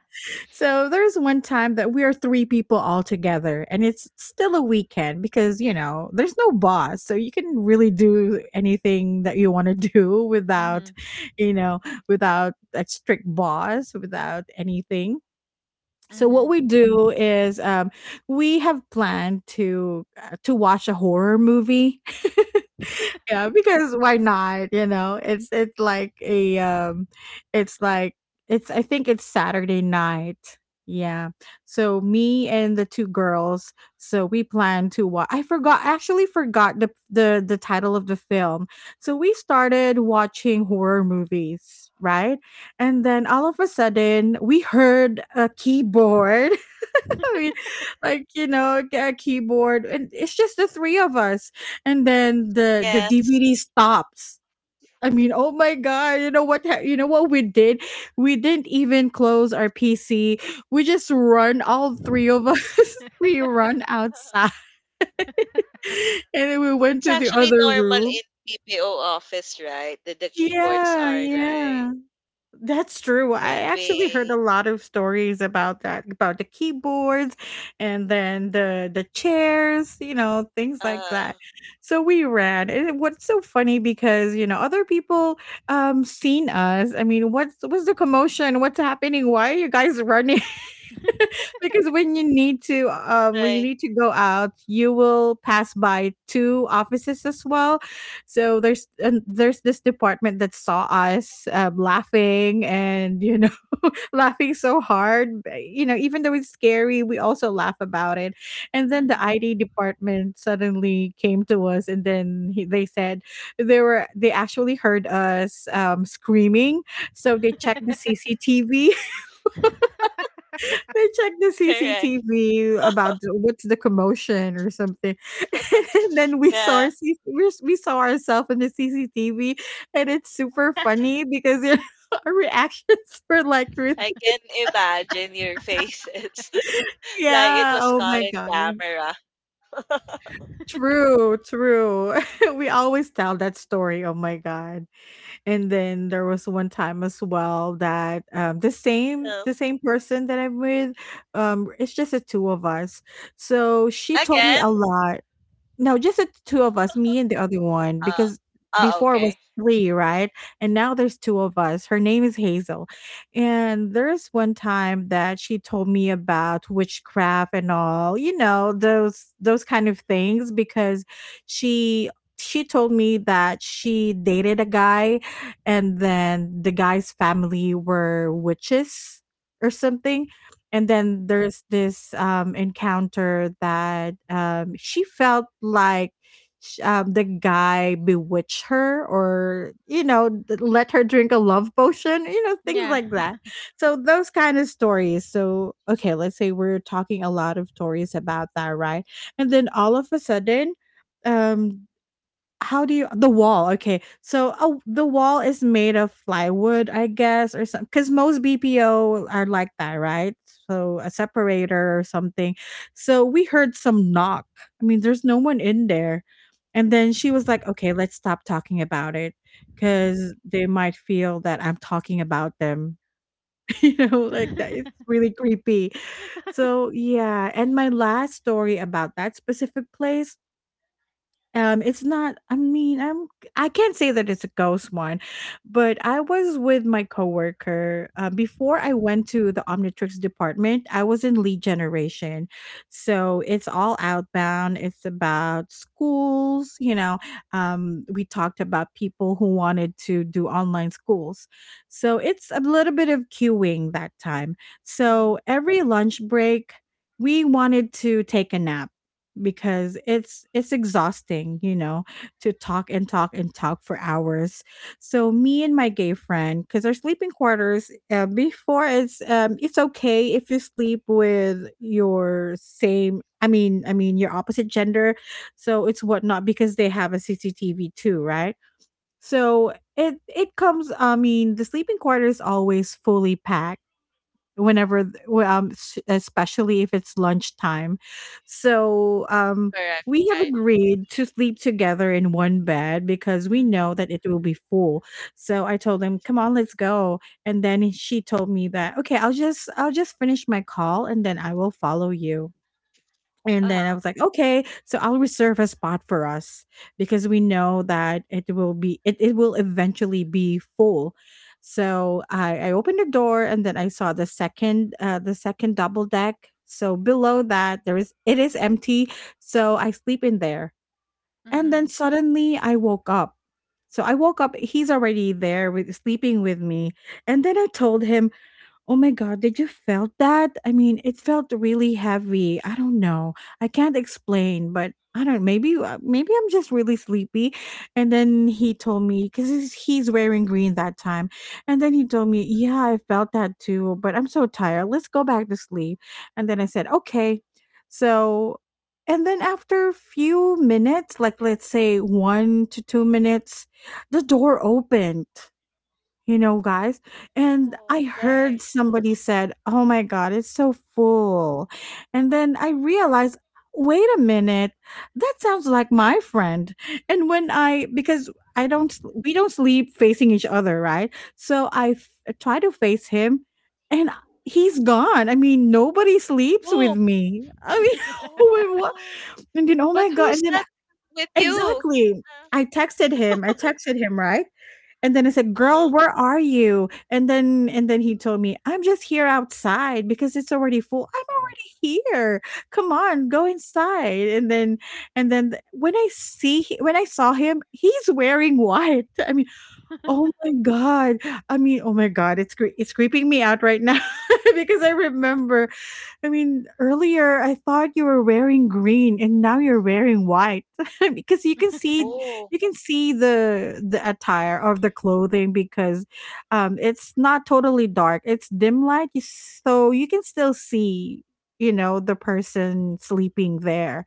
[SPEAKER 1] So there's one time that we are three people all together, and it's still a weekend because, you know, there's no boss. So you can really do anything that you want to do without,
[SPEAKER 2] Mhm.
[SPEAKER 1] you know, without a strict boss, without anything. So what
[SPEAKER 2] Mhm.
[SPEAKER 1] we do is, we have planned to, to watch a horror movie. Yeah, because why not, you know? It's like a, it's like it's, I think it's Saturday night. Yeah. So me and the two girls, so we plan to watch, I forgot, actually forgot the title of the film. So we started watching horror movies, right? And then all of a sudden we heard a keyboard. Like, you know, get a keyboard, and it's just the three of us. And then the
[SPEAKER 3] Yes.
[SPEAKER 1] DVD stops. I mean, oh my god, you know what you know what we did? We didn't even close our PC, we just run, all three of us. We run outside. And then we went
[SPEAKER 3] It's
[SPEAKER 1] to the
[SPEAKER 3] actually
[SPEAKER 1] other
[SPEAKER 3] normal
[SPEAKER 1] room.
[SPEAKER 3] in PPO office, right? That the keyboards
[SPEAKER 1] Yeah,
[SPEAKER 3] are like
[SPEAKER 1] yeah. That's true. I actually heard
[SPEAKER 3] moving.
[SPEAKER 1] a lot of stories about that, about the keyboards, and then the chairs, you know, things like that.
[SPEAKER 3] Uh,
[SPEAKER 1] So we ran. And what's so funny because, you know, other people seen us. I mean, what's the commotion? What's happening? Why are you guys running? Because when you need to when you
[SPEAKER 3] right.
[SPEAKER 1] need to go out, you will pass by two offices as well. So there's this department that saw us, laughing and, you know, laughing so hard, eh, you know, even though it's scary, we also laugh about it. And then the
[SPEAKER 2] mhm.
[SPEAKER 1] ID department suddenly came to us, and then they said they were, they actually heard us, screaming. So they checked the CCTV, they check the
[SPEAKER 3] Correct.
[SPEAKER 1] CCTV about what's the commotion or something. And then we saw
[SPEAKER 3] Yeah,
[SPEAKER 1] our we saw ourselves in the CCTV, and it's super funny because, you know, our reactions were like, really,
[SPEAKER 3] I can imagine your faces. Like it
[SPEAKER 1] yeah,
[SPEAKER 3] was
[SPEAKER 1] oh
[SPEAKER 3] caught
[SPEAKER 1] my
[SPEAKER 3] in
[SPEAKER 1] god,
[SPEAKER 3] camera.
[SPEAKER 1] true, true. We always tell that story. Oh my god! And then there was one time as well that, the
[SPEAKER 3] Well,
[SPEAKER 1] same person that I'm with, it's just the two of us. So she told me
[SPEAKER 3] Again?
[SPEAKER 1] a lot. No, just the two of us, me and the other one,
[SPEAKER 3] Oh,
[SPEAKER 1] because
[SPEAKER 3] oh,
[SPEAKER 1] before it was
[SPEAKER 3] okay.
[SPEAKER 1] three, right? And now there's two of us. Her name is Hazel. And there's one time that she told me about witchcraft and all, you know, those kind of things because she she told me that she dated a guy, and then the guy's family were witches or something. And
[SPEAKER 2] mhm.
[SPEAKER 1] then there's this, encounter that, she felt like the guy bewitched her, or, you know, let her drink a love potion, you know, things
[SPEAKER 2] Yeah.
[SPEAKER 1] like that. So, those kind of stories. So, okay, let's say we're talking a lot of stories about that, right? And then all of a sudden, um, how do you the wall? Okay, so, oh, the wall is made of plywood, I guess, or something. Because most BPO are like that, right? So a separator or something. So we heard some knock. I mean, there's no one in there. And then she was like, "Okay, let's stop talking about it,
[SPEAKER 2] mhm.
[SPEAKER 1] because they might feel that I'm talking about them." You know, like that. It's really creepy. So yeah, and my last story about that specific place, it's not, I mean, I can't say that it's a ghost one, but I was with my coworker, before I went to the Omnitrix department, I was in lead generation. So, it's all outbound, it's about schools, you know, we talked about people who wanted to do online schools. So, it's a little bit of queuing that time. So,
[SPEAKER 2] Mhm.
[SPEAKER 1] every lunch break, we wanted to take a nap because it's exhausting, you know, to talk and talk and talk for hours. So me and my gay friend, because our sleeping quarters before it's okay if you sleep with your same. I mean, your opposite gender, so it's whatnot because they have a CCTV too, right? So it comes. I mean, the sleeping quarters always fully packed whenever th- especially if it's lunchtime so
[SPEAKER 3] Correct.
[SPEAKER 1] we have
[SPEAKER 3] Right.
[SPEAKER 1] agreed to sleep together in one bed because we
[SPEAKER 2] Mhm.
[SPEAKER 1] know that it will be full. So I told him, "Come on, let's go." And then she told me that, "Okay, I'll just finish my call and then I will follow you." And then I
[SPEAKER 3] Uh-huh.
[SPEAKER 1] was like, "Okay, so I'll reserve a spot for us because we know that it will eventually be full." So I opened the door and then I saw the second double deck. So below that there is it is empty. So I sleep in there. And then
[SPEAKER 2] Mhm.
[SPEAKER 1] suddenly I woke up. So I woke up, he's already there with sleeping with me. And then I told him, "Oh my god, did you felt that? I mean, it felt really heavy. I don't know. I can't explain, but I don't maybe maybe I'm just really sleepy." And then he told me, cuz he's wearing green that time. And then he told me, "Yeah, I felt that too, but I'm so tired. Let's go back to sleep." And then I said, "Okay." So and then after a few minutes, like let's say 1 to 2 minutes, the door opened, you know, guys, and
[SPEAKER 3] Oh,
[SPEAKER 1] I heard
[SPEAKER 3] right.
[SPEAKER 1] somebody said, "Oh my god, it's so full." And then I realized, "Wait a minute. That sounds like my friend." And when I, because I don't s- we don't sleep facing each other, right? So try to face him and he's gone. I mean, nobody sleeps
[SPEAKER 3] Oh,
[SPEAKER 1] with me. I mean, wait, what?
[SPEAKER 3] oh.
[SPEAKER 1] And then, oh
[SPEAKER 3] But
[SPEAKER 1] my god,
[SPEAKER 3] who's
[SPEAKER 1] and then
[SPEAKER 3] that with you?
[SPEAKER 1] exactly. I texted
[SPEAKER 3] Uh,
[SPEAKER 1] him. I texted him, right? And then I said, "Girl,
[SPEAKER 3] mhm.
[SPEAKER 1] where are you?" And then he told me, "I'm just here outside because it's already full. I'm already here. Come on, go inside." And then when when I saw him, he's wearing white. I mean, oh my god. I mean, oh my god, it's creeping me out right now because I remember, I mean, earlier I thought you were wearing green and now you're wearing white because you can see,
[SPEAKER 3] Oh,
[SPEAKER 1] you can see the attire of the clothing because it's not totally dark. It's dim light, so you can still see, you know, the person sleeping there.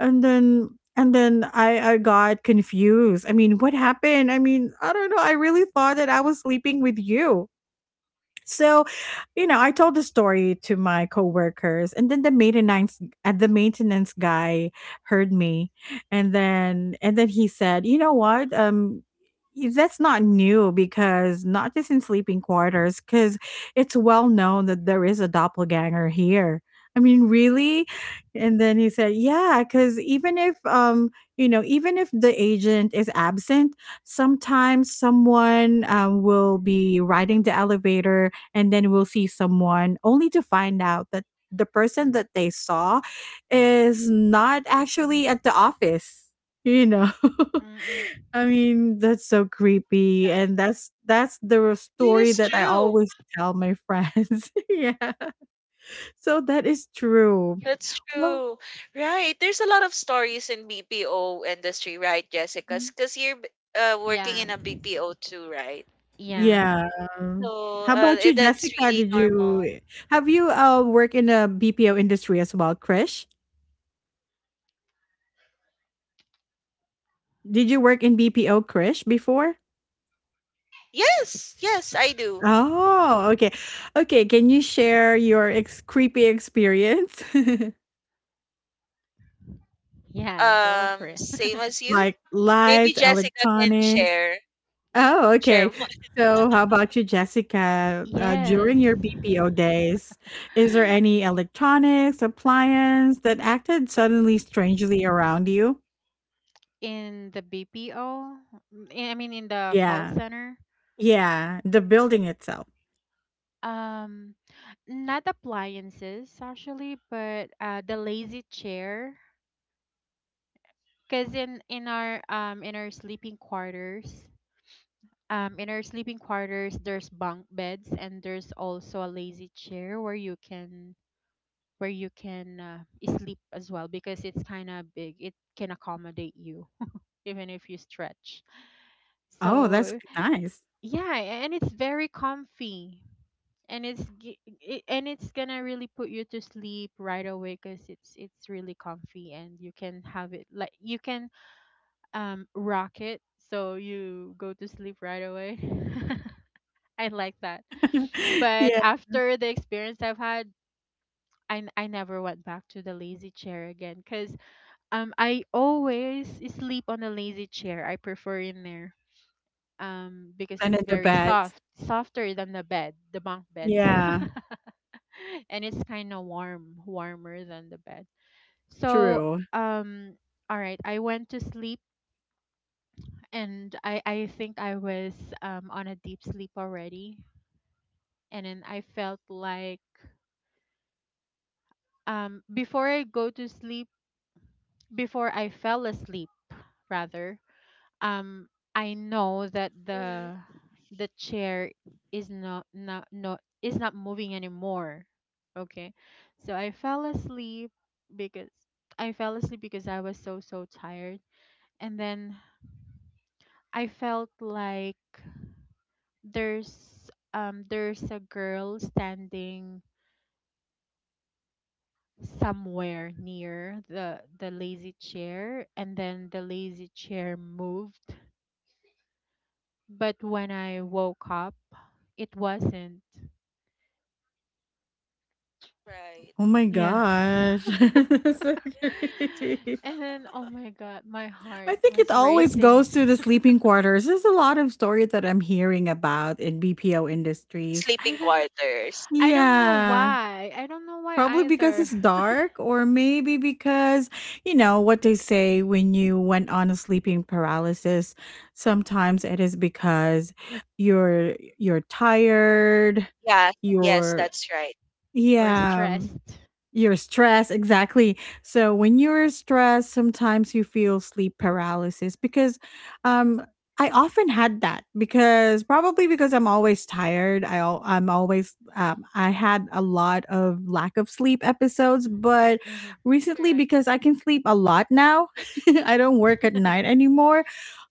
[SPEAKER 1] And then I got confused. I mean, what happened? I mean, I don't know. I really thought that I was sleeping with you. So, you know, I told the story to my coworkers, and then the maintenance guy heard me, and then he said, "You know what? That's not new because not just in sleeping quarters, because it's well known that there is a doppelganger here." I mean, really? And then he said, "Yeah, because even if you know, even if the agent is absent, sometimes someone, will be riding the elevator." And then we'll see someone only to find out that the person that they saw is not actually at the office, you know.
[SPEAKER 2] Mm-mm.
[SPEAKER 1] I mean, that's so creepy,
[SPEAKER 3] right.
[SPEAKER 1] and that's the
[SPEAKER 3] It
[SPEAKER 1] story
[SPEAKER 3] is
[SPEAKER 1] that I
[SPEAKER 3] true.
[SPEAKER 1] always tell my friends. Yeah, so that is true.
[SPEAKER 3] That's
[SPEAKER 1] Well,
[SPEAKER 3] true. Right. There's a lot of stories in BPO industry, right, Jessica?
[SPEAKER 1] mm,
[SPEAKER 3] Because you're working
[SPEAKER 2] Yeah.
[SPEAKER 3] in a BPO too, right?
[SPEAKER 2] Yeah.
[SPEAKER 1] yeah.
[SPEAKER 3] So
[SPEAKER 1] How about you,
[SPEAKER 3] that's
[SPEAKER 1] Jessica?
[SPEAKER 3] really
[SPEAKER 1] Did
[SPEAKER 3] normal.
[SPEAKER 1] you, have you work in a BPO industry as well? Krish, did you work in BPO, Krish, before?
[SPEAKER 3] Yes, yes, I do.
[SPEAKER 1] Oh, okay. Okay, can you share your ex creepy experience?
[SPEAKER 2] Yeah, go for it.
[SPEAKER 3] Same as you.
[SPEAKER 1] Like
[SPEAKER 3] Maybe
[SPEAKER 1] lights,
[SPEAKER 3] Jessica can
[SPEAKER 1] electronics?
[SPEAKER 3] share
[SPEAKER 1] Oh,
[SPEAKER 3] share
[SPEAKER 1] okay.
[SPEAKER 3] one.
[SPEAKER 1] So how about you, Jessica?
[SPEAKER 2] Yes,
[SPEAKER 1] During your BPO days, is there any electronics, appliance that acted suddenly strangely around you?
[SPEAKER 2] in the BPO, I mean in the call
[SPEAKER 1] Yeah.
[SPEAKER 2] center.
[SPEAKER 1] Yeah, the building itself.
[SPEAKER 2] Um, not appliances actually, but the lazy chair. Cause in our sleeping quarters, in our sleeping quarters there's bunk beds, and there's also a lazy chair where you can where you can uh, sleep as well because it's kind of big. It can accommodate you even if you stretch.
[SPEAKER 1] Oh, that's
[SPEAKER 2] So
[SPEAKER 1] nice.
[SPEAKER 2] yeah, and it's very comfy, and and it's gonna really put you to sleep right away because it's really comfy, and you can have it like you can rocket, so you go to sleep right away. I like that. But
[SPEAKER 1] Yeah,
[SPEAKER 2] after the experience I've had, I, n- I never went back to the lazy chair again because I always sleep on a lazy chair. I prefer in there, because
[SPEAKER 1] and
[SPEAKER 2] it's
[SPEAKER 1] in the
[SPEAKER 2] very
[SPEAKER 1] beds.
[SPEAKER 2] soft, softer than the bunk beds,
[SPEAKER 1] Yeah,
[SPEAKER 2] and it's kind of warm, warmer than the bed. So
[SPEAKER 1] true.
[SPEAKER 2] um all right, I went to sleep, and I think I was on a deep sleep already. And then I felt like, before I go to sleep, before I fell asleep, rather, um I know that
[SPEAKER 3] Mhm.
[SPEAKER 2] the chair is not not not is not moving anymore. Okay, so I fell asleep because I fell asleep because I was so so tired. And then I felt like there's a girl standing somewhere near the lazy chair, and then the lazy chair moved, but when I woke up, it wasn't.
[SPEAKER 3] Right.
[SPEAKER 1] Oh my
[SPEAKER 3] Hmm.
[SPEAKER 2] Yeah.
[SPEAKER 1] gosh. That's so
[SPEAKER 3] Right. It's
[SPEAKER 1] great.
[SPEAKER 2] And then oh my god, my heart
[SPEAKER 1] I think it
[SPEAKER 2] was
[SPEAKER 1] always
[SPEAKER 2] racing.
[SPEAKER 1] goes to the sleeping quarters. There's a lot of stories that I'm hearing about in BPO industries.
[SPEAKER 2] I
[SPEAKER 3] sleeping
[SPEAKER 2] don't,
[SPEAKER 3] quarters.
[SPEAKER 2] know
[SPEAKER 1] Yeah.
[SPEAKER 2] why. I don't know why
[SPEAKER 1] Probably because
[SPEAKER 2] either.
[SPEAKER 1] it's dark, or maybe because, you know, what they say when you went on a sleeping paralysis, sometimes it is because you're tired,
[SPEAKER 3] Yeah. Yes,
[SPEAKER 1] you're
[SPEAKER 3] that's right.
[SPEAKER 2] Or
[SPEAKER 1] yeah.
[SPEAKER 2] stressed.
[SPEAKER 1] You're stressed, exactly. So when you're stressed, sometimes you feel sleep paralysis because um I often had that because probably because I'm always tired. I'm always I had a lot of lack of sleep episodes, but
[SPEAKER 2] Mhm.
[SPEAKER 1] recently
[SPEAKER 3] Correct.
[SPEAKER 1] because I can sleep a lot now, I don't work at night anymore.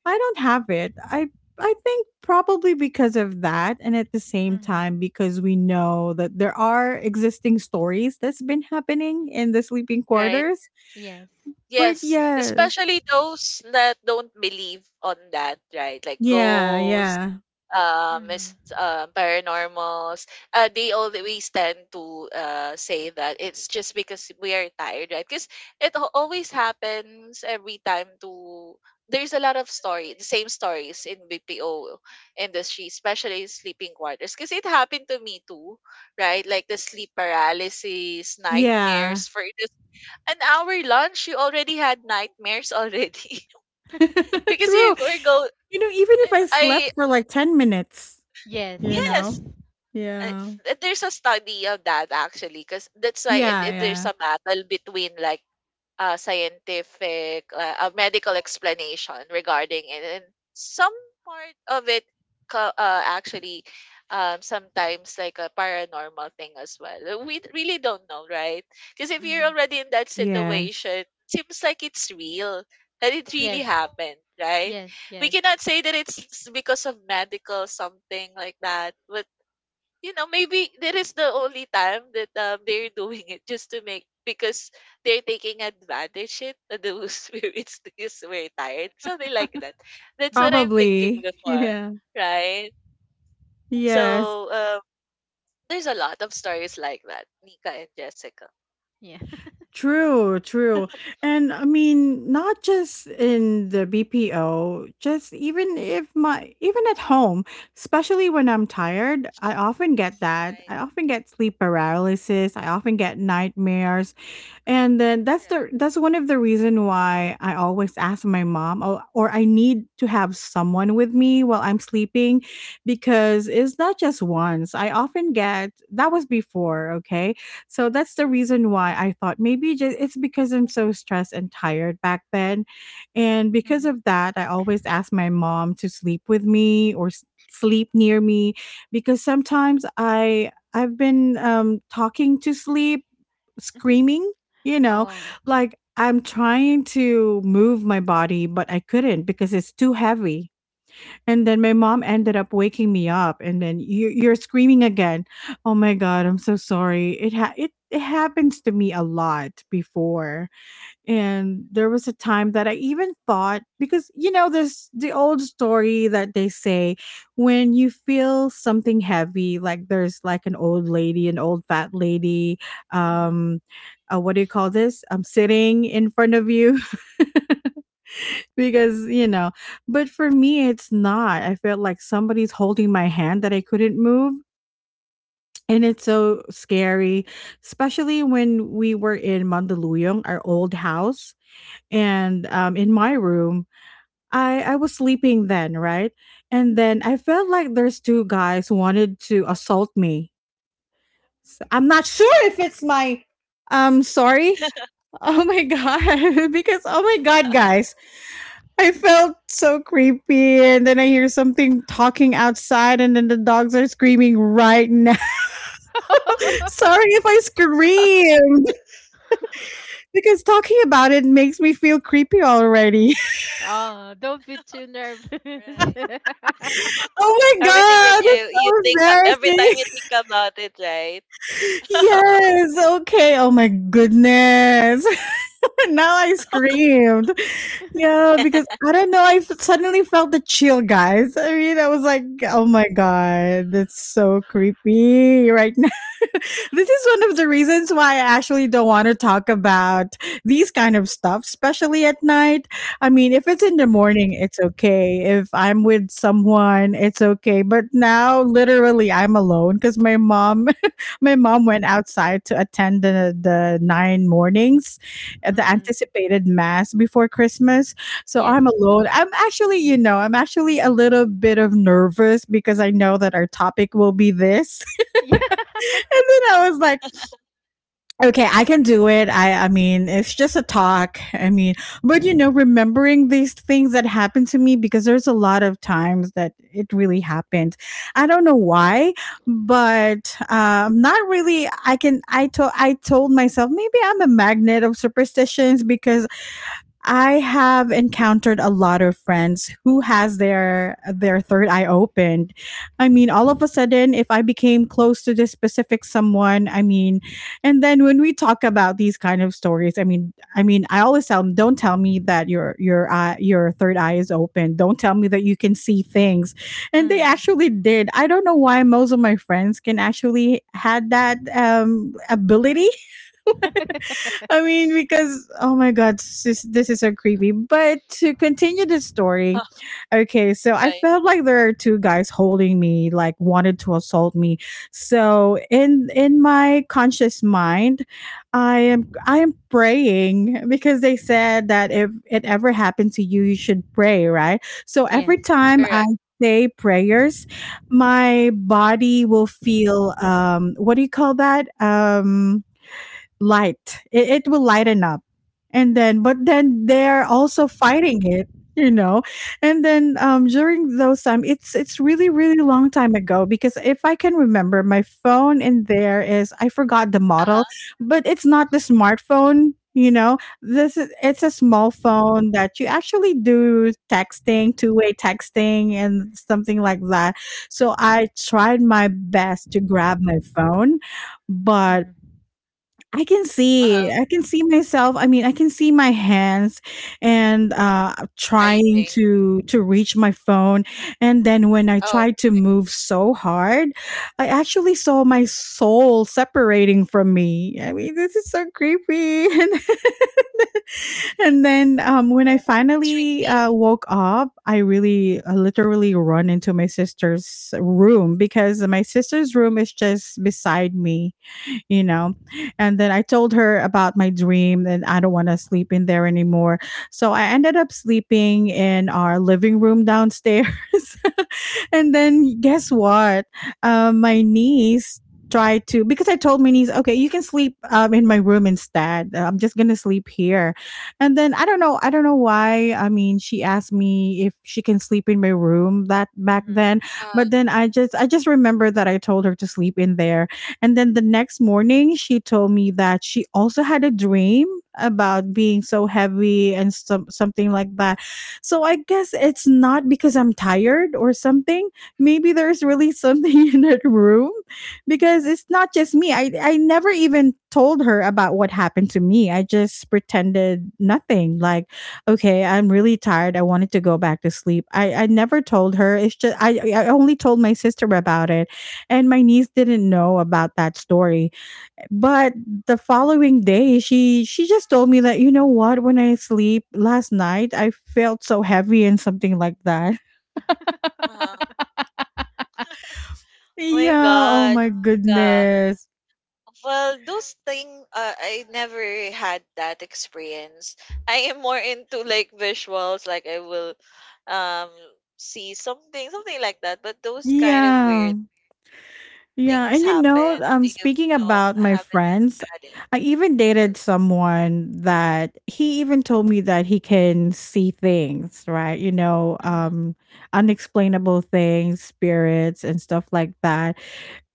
[SPEAKER 1] I don't have it. I think probably because of that, and at the same
[SPEAKER 2] mhm.
[SPEAKER 1] time, because we know that there are existing stories that's been happening in the sleeping
[SPEAKER 3] Right.
[SPEAKER 1] quarters.
[SPEAKER 2] Yes.
[SPEAKER 1] But
[SPEAKER 3] Yes,
[SPEAKER 1] yes,
[SPEAKER 3] especially those that don't believe on that, right? Like
[SPEAKER 1] yeah,
[SPEAKER 3] ghosts,
[SPEAKER 1] yeah,
[SPEAKER 2] Mhm.
[SPEAKER 3] paranormals. They always tend to say that it's just because we are tired, right? Because always happens every time to. There's a lot of story, the same stories in BPO industry, especially sleeping quarters. Because it happened to me too, right? Like the sleep paralysis,
[SPEAKER 1] yeah,
[SPEAKER 3] nightmares for an hour lunch, you already had nightmares already because you
[SPEAKER 1] true.
[SPEAKER 3] were go.
[SPEAKER 1] You know, even if I
[SPEAKER 3] I
[SPEAKER 1] slept for like 10 minutes,
[SPEAKER 2] Yes,
[SPEAKER 1] you
[SPEAKER 2] yes.
[SPEAKER 1] know,
[SPEAKER 3] yes, uh,
[SPEAKER 1] yeah,
[SPEAKER 3] there's a study of that actually, because that's why
[SPEAKER 1] yeah,
[SPEAKER 3] there's
[SPEAKER 1] yeah,
[SPEAKER 3] a battle between like scientific, a medical explanation regarding it. And some part of it actually sometimes like a paranormal thing as well. We really don't know, right? Because if you're
[SPEAKER 2] Hmm.
[SPEAKER 3] already in that
[SPEAKER 1] yes,
[SPEAKER 3] situation, seems like it's real, that it really
[SPEAKER 2] Yes,
[SPEAKER 3] happened, right?
[SPEAKER 2] yes,
[SPEAKER 3] We
[SPEAKER 2] yes.
[SPEAKER 3] cannot say that it's because of medical something like that, but you know, maybe that is the only time that they're doing it just to make because they're taking advantage it of those spirits because we're tired. So they like that. That's
[SPEAKER 2] Hmm.
[SPEAKER 3] what I'm thinking
[SPEAKER 1] probably,
[SPEAKER 3] before,
[SPEAKER 1] yeah,
[SPEAKER 3] right?
[SPEAKER 2] Yeah,
[SPEAKER 1] yes.
[SPEAKER 3] So there's a lot of stories like that, Nika and Jessica.
[SPEAKER 2] yeah.
[SPEAKER 1] True, true. And I mean, not just in the BPO, just even if my even at home, especially when I'm tired, I often get that.
[SPEAKER 3] Right.
[SPEAKER 1] I often get sleep paralysis, I often get nightmares, and then that's
[SPEAKER 3] Correct.
[SPEAKER 1] the that's one of the reason why I always ask my mom, or I need to have someone with me while I'm sleeping because it's not just once. I often get that was before, okay? So that's the reason why I thought maybe just it's because I'm so stressed and tired back then. And because
[SPEAKER 2] hmm.
[SPEAKER 1] of that, I always ask my mom to sleep with me or sleep near me because sometimes I've been talking to sleep,
[SPEAKER 2] Hmm.
[SPEAKER 1] screaming, you know,
[SPEAKER 2] Oh.
[SPEAKER 1] like I'm trying to move my body, but I couldn't because it's too heavy. And then my mom ended up waking me up, and then, "You, you're screaming again. Oh my god, I'm so sorry." It ha- it happens to me a lot before. And there was a time that I even thought, because you know this the old story that they say, when you feel something heavy like there's like an old lady, an old fat lady,
[SPEAKER 2] Hmm.
[SPEAKER 1] um what do you call this? I'm sitting in front of you because you know, but for me it's not. I felt like somebody's holding my hand that I couldn't move. And it's so scary, especially when we were in Mandaluyong, our old house and in my room I was sleeping then, right? And then I felt like there's two guys who wanted to assault me. So I'm not sure if it's my sorry. Oh my god. Because oh my god, guys. I felt so creepy and then I hear something talking outside and then the dogs are screaming right now. Sorry if I screamed because talking about it makes me feel creepy already.
[SPEAKER 2] oh, don't be too
[SPEAKER 3] Right.
[SPEAKER 2] nervous.
[SPEAKER 1] Oh my
[SPEAKER 3] Everything that
[SPEAKER 1] god, it's
[SPEAKER 3] you
[SPEAKER 1] so
[SPEAKER 3] think every time
[SPEAKER 1] embarrassing.
[SPEAKER 3] you think about it, right?
[SPEAKER 1] Yes. Okay. Oh my goodness. Now I screamed. Yeah, because I don't know, suddenly felt the chill, guys. I mean, I was like, "Oh my god, that's so creepy right now." This is one of the reasons why I actually don't want to talk about these kind of stuff, especially at night. I mean, if it's in the
[SPEAKER 3] Mhm.
[SPEAKER 1] morning, it's okay. If I'm with someone, it's okay. But now, literally, I'm alone because my mom, my mom went outside to attend the nine mornings, the
[SPEAKER 2] Mm.
[SPEAKER 1] anticipated mass before Christmas. So
[SPEAKER 2] Yes.
[SPEAKER 1] I'm alone. I'm actually, you know, I'm actually a little bit of nervous because I know that our topic will be this.
[SPEAKER 2] Yeah.
[SPEAKER 1] And then I was like, okay, I can do it. I mean, it's just a talk. I mean, but you know, remembering these things that happened to me because there's a lot of times that it really happened. I don't know why, but not really I can I told myself maybe I'm a magnet of superstitions because I have encountered a lot of friends who has their third eye opened. I mean, all of a sudden if I became close to this specific someone, I mean, and then when we talk about these kind of stories, I always tell them, "Don't tell me that your third eye is open. Don't tell me that you can see things." And they
[SPEAKER 2] Mm.
[SPEAKER 1] actually did. I don't know why most of my friends can actually had that ability. I mean, because oh my god, this is so creepy. But to continue the story, okay, so I
[SPEAKER 3] right.
[SPEAKER 1] felt like there are two guys holding me, like wanted to assault me. So in my conscious mind, I am
[SPEAKER 3] Mm,
[SPEAKER 1] I am praying because they said that if it ever happened to you, you should pray, right? So
[SPEAKER 2] yes.
[SPEAKER 1] every time I
[SPEAKER 3] Correct.
[SPEAKER 1] say prayers, my body will feel what do you call that? Light. It will lighten up. And then, but then they're also fighting it, you know. And then during those time, it's really really long time ago because if I can remember, my phone in there is I forgot the
[SPEAKER 3] Uh huh.
[SPEAKER 1] model, but it's not the smartphone. You know, it's a small phone that you actually do texting, two-way texting, and something like that. So I tried my best to grab my phone, but
[SPEAKER 2] Hmm.
[SPEAKER 1] I can
[SPEAKER 3] Uh
[SPEAKER 1] see.
[SPEAKER 3] huh.
[SPEAKER 1] I can see myself. I mean, I can see my hands and trying
[SPEAKER 3] Typing.
[SPEAKER 1] to reach my phone and then when I
[SPEAKER 3] Oh,
[SPEAKER 1] tried to
[SPEAKER 3] okay.
[SPEAKER 1] move so hard, I actually saw my soul separating from me. I mean, this is so creepy. And then when I
[SPEAKER 3] Oh, that's
[SPEAKER 1] finally
[SPEAKER 3] really
[SPEAKER 1] woke up, I really literally run into my sister's room because my sister's room is just beside me. You know. And then I told her about my dream and I don't want to sleep in there anymore. So I ended up sleeping in our living room downstairs. And then guess what? My niece tried to because I told my niece, okay, you can sleep in my room instead. I'm just gonna sleep here. And then I don't know why. I mean, she asked me if she can sleep in my room that back
[SPEAKER 2] Hmm.
[SPEAKER 1] then,
[SPEAKER 3] uh
[SPEAKER 1] but then I just remember that I told her to sleep in there and then the next morning, she told me that she also had a dream about being so heavy and something like that. So I guess it's not because I'm tired or something. Maybe there's really something in that room because it's not just me. I never even told her about what happened to me. I just pretended nothing. Like, okay, I'm really tired. I wanted to go back to sleep. I never told her. It's just, I only told my sister about it and my niece didn't know about that story but the following day she just told me that, you know what, when I sleep last night, I felt so heavy and something like that.
[SPEAKER 3] uh-huh. Oh my
[SPEAKER 1] Yeah, oh
[SPEAKER 3] gosh,
[SPEAKER 1] my
[SPEAKER 3] Nika.
[SPEAKER 1] goodness.
[SPEAKER 3] Well, those thing I never had that experience. I am more into like visuals, like I will um see something, something like that. But those kind of
[SPEAKER 1] Yeah,
[SPEAKER 3] weird
[SPEAKER 1] yeah,
[SPEAKER 3] things
[SPEAKER 1] and you know
[SPEAKER 3] happen. Do you
[SPEAKER 1] speaking
[SPEAKER 3] know?
[SPEAKER 1] about
[SPEAKER 3] I
[SPEAKER 1] my
[SPEAKER 3] haven't
[SPEAKER 1] friends,
[SPEAKER 3] had it.
[SPEAKER 1] I even
[SPEAKER 3] Hmm.
[SPEAKER 1] dated someone that he even told me that he can see things, right? you know
[SPEAKER 2] Hmm.
[SPEAKER 1] um Unexplainable things, spirits and stuff like that,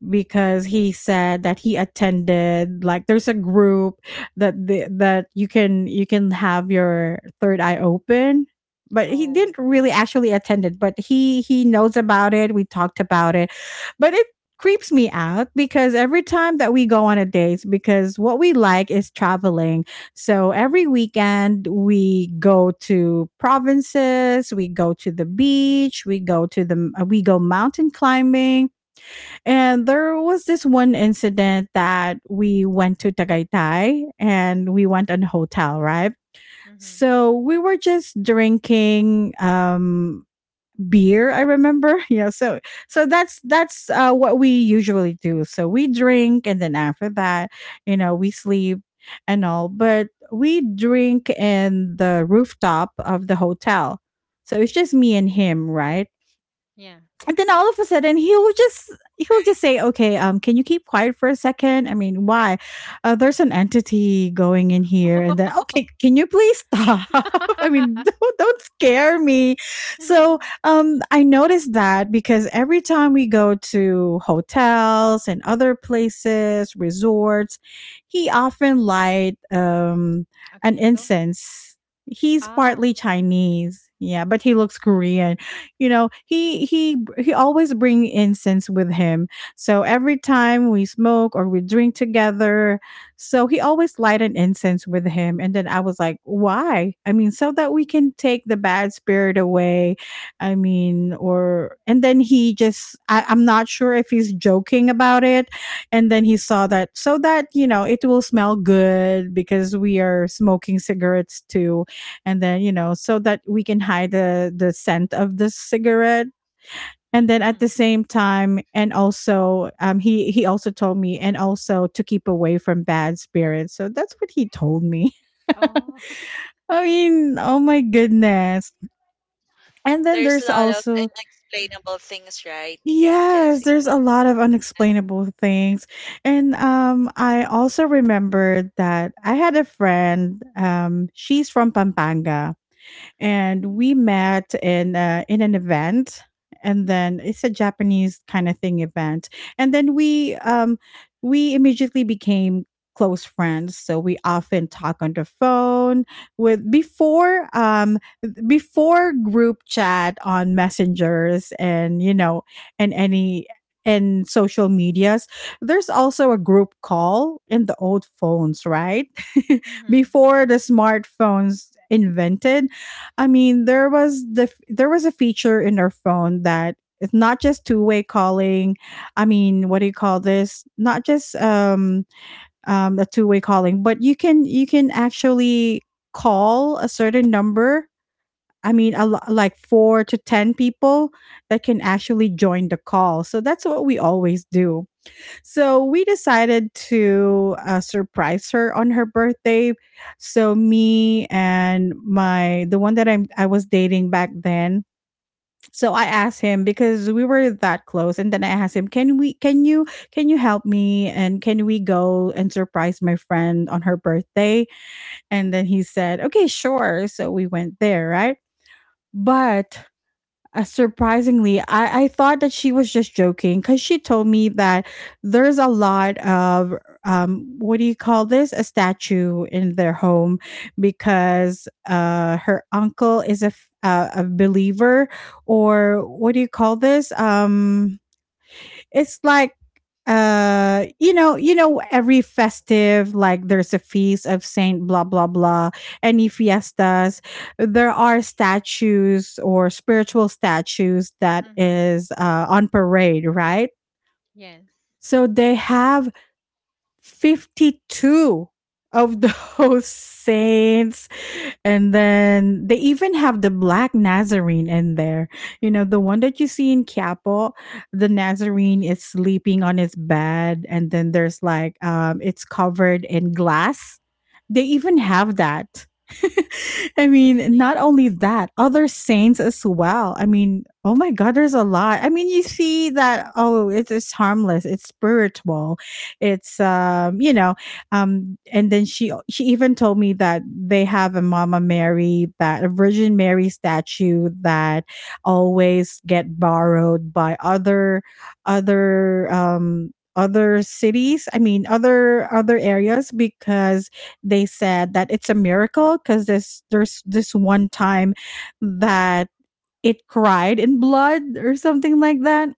[SPEAKER 1] because he said that he attended, like, there's a group that that you can have your third eye open, but he
[SPEAKER 2] Oh.
[SPEAKER 1] didn't really actually attend it, but he knows about it. We talked about it. But it creeps me out because every time that we go on a date, because what we like is traveling, so
[SPEAKER 2] Mm-hmm.
[SPEAKER 1] every weekend we go to provinces, we go to the beach, we go to the we go mountain climbing. And there was this one incident that we went to Tagaytay and we went on hotel, right?
[SPEAKER 2] Mm-hmm.
[SPEAKER 1] So we were just drinking beer, I remember. Yeah, so that's what we usually do. So we drink and then after that, you know, we sleep and all, but we drink in the rooftop of the hotel. So it's just me and him, right?
[SPEAKER 2] Yeah.
[SPEAKER 1] And then all of a sudden he will just he'll
[SPEAKER 3] Right.
[SPEAKER 1] just say, okay, can you keep quiet for a second? I mean, why there's an entity going in here. And then, okay, can you please stop? I mean, don't scare me. So I noticed that because every time we go to hotels and other places, resorts, he often light
[SPEAKER 2] A
[SPEAKER 1] an
[SPEAKER 2] candle?
[SPEAKER 1] incense. He's
[SPEAKER 2] Ah.
[SPEAKER 1] partly Chinese, yeah, but he looks Korean. You know, he always bring incense with him. So every time we smoke or we drink together, so he always light an incense with him. And then I was like, why? I mean, so that we can take the bad spirit away. I mean, or and then he just I'm not sure if he's joking about it. And then he saw that so that, you know, it will smell good because we are smoking cigarettes too. And then, you know, so that we can hide the scent of the cigarette. And then at the same time and also he also told me and also to keep away from bad spirits. So that's what he told me.
[SPEAKER 2] oh.
[SPEAKER 1] I mean, oh my goodness. And then
[SPEAKER 3] There's a
[SPEAKER 1] there's
[SPEAKER 3] lot of
[SPEAKER 1] also,
[SPEAKER 3] unexplainable things, right, Nika and
[SPEAKER 1] yes, there's
[SPEAKER 3] Jessica?
[SPEAKER 1] a lot of unexplainable things. And I also remembered that I had a friend, she's from Pampanga, and we met in an event. And then it's a Japanese kind of thing event. And then we we immediately became close friends, so we often talk on the phone with before, before group chat on messengers and, you know, and any and social medias. There's also a group call in the old phones, right?
[SPEAKER 2] hmm. Yeah.
[SPEAKER 1] Before the smartphones invented, I mean, there was there was a feature in our phone that it's not just two-way calling. I mean, what do you call this? Not just a two-way calling, but you can actually call a certain number. I mean, like 4 to 10 people that can actually join the call. So that's what we always do. So we decided to surprise her on her birthday. So me and my the one that I was dating back then. So I asked him because we were that close and then I asked him, "Can we can you help me and can we go and surprise my friend on her birthday?" And then he said, "Okay, sure." So we went there, right? But surprisingly, I thought that she was just joking because she told me that there's a lot of what do you call this, a statue in their home, because her uncle is a believer or what do you call this, it's like, you know, you know, every festive, like there's a feast of saint blah blah blah, any fiestas, there are statues or spiritual statues that
[SPEAKER 2] Mm-hmm.
[SPEAKER 1] is on parade, right?
[SPEAKER 2] Yes.
[SPEAKER 1] So they have 52 of those saints. And then they even have the black Nazarene in there. You know, the one that you see in Quiapo, the Nazarene is sleeping on his bed, and then there's like, it's covered in glass. They even have that. I mean,
[SPEAKER 2] Really?
[SPEAKER 1] not only that, other saints as well. I mean, oh my God, there's a lot. I mean, you see that, oh, it's harmless, it's spiritual, it's, you know, and then she even told me that they have a mama mary that a virgin mary statue that always get borrowed by other other cities. I mean other areas because they said that it's a miracle because this there's this one time that it cried in blood or something like that.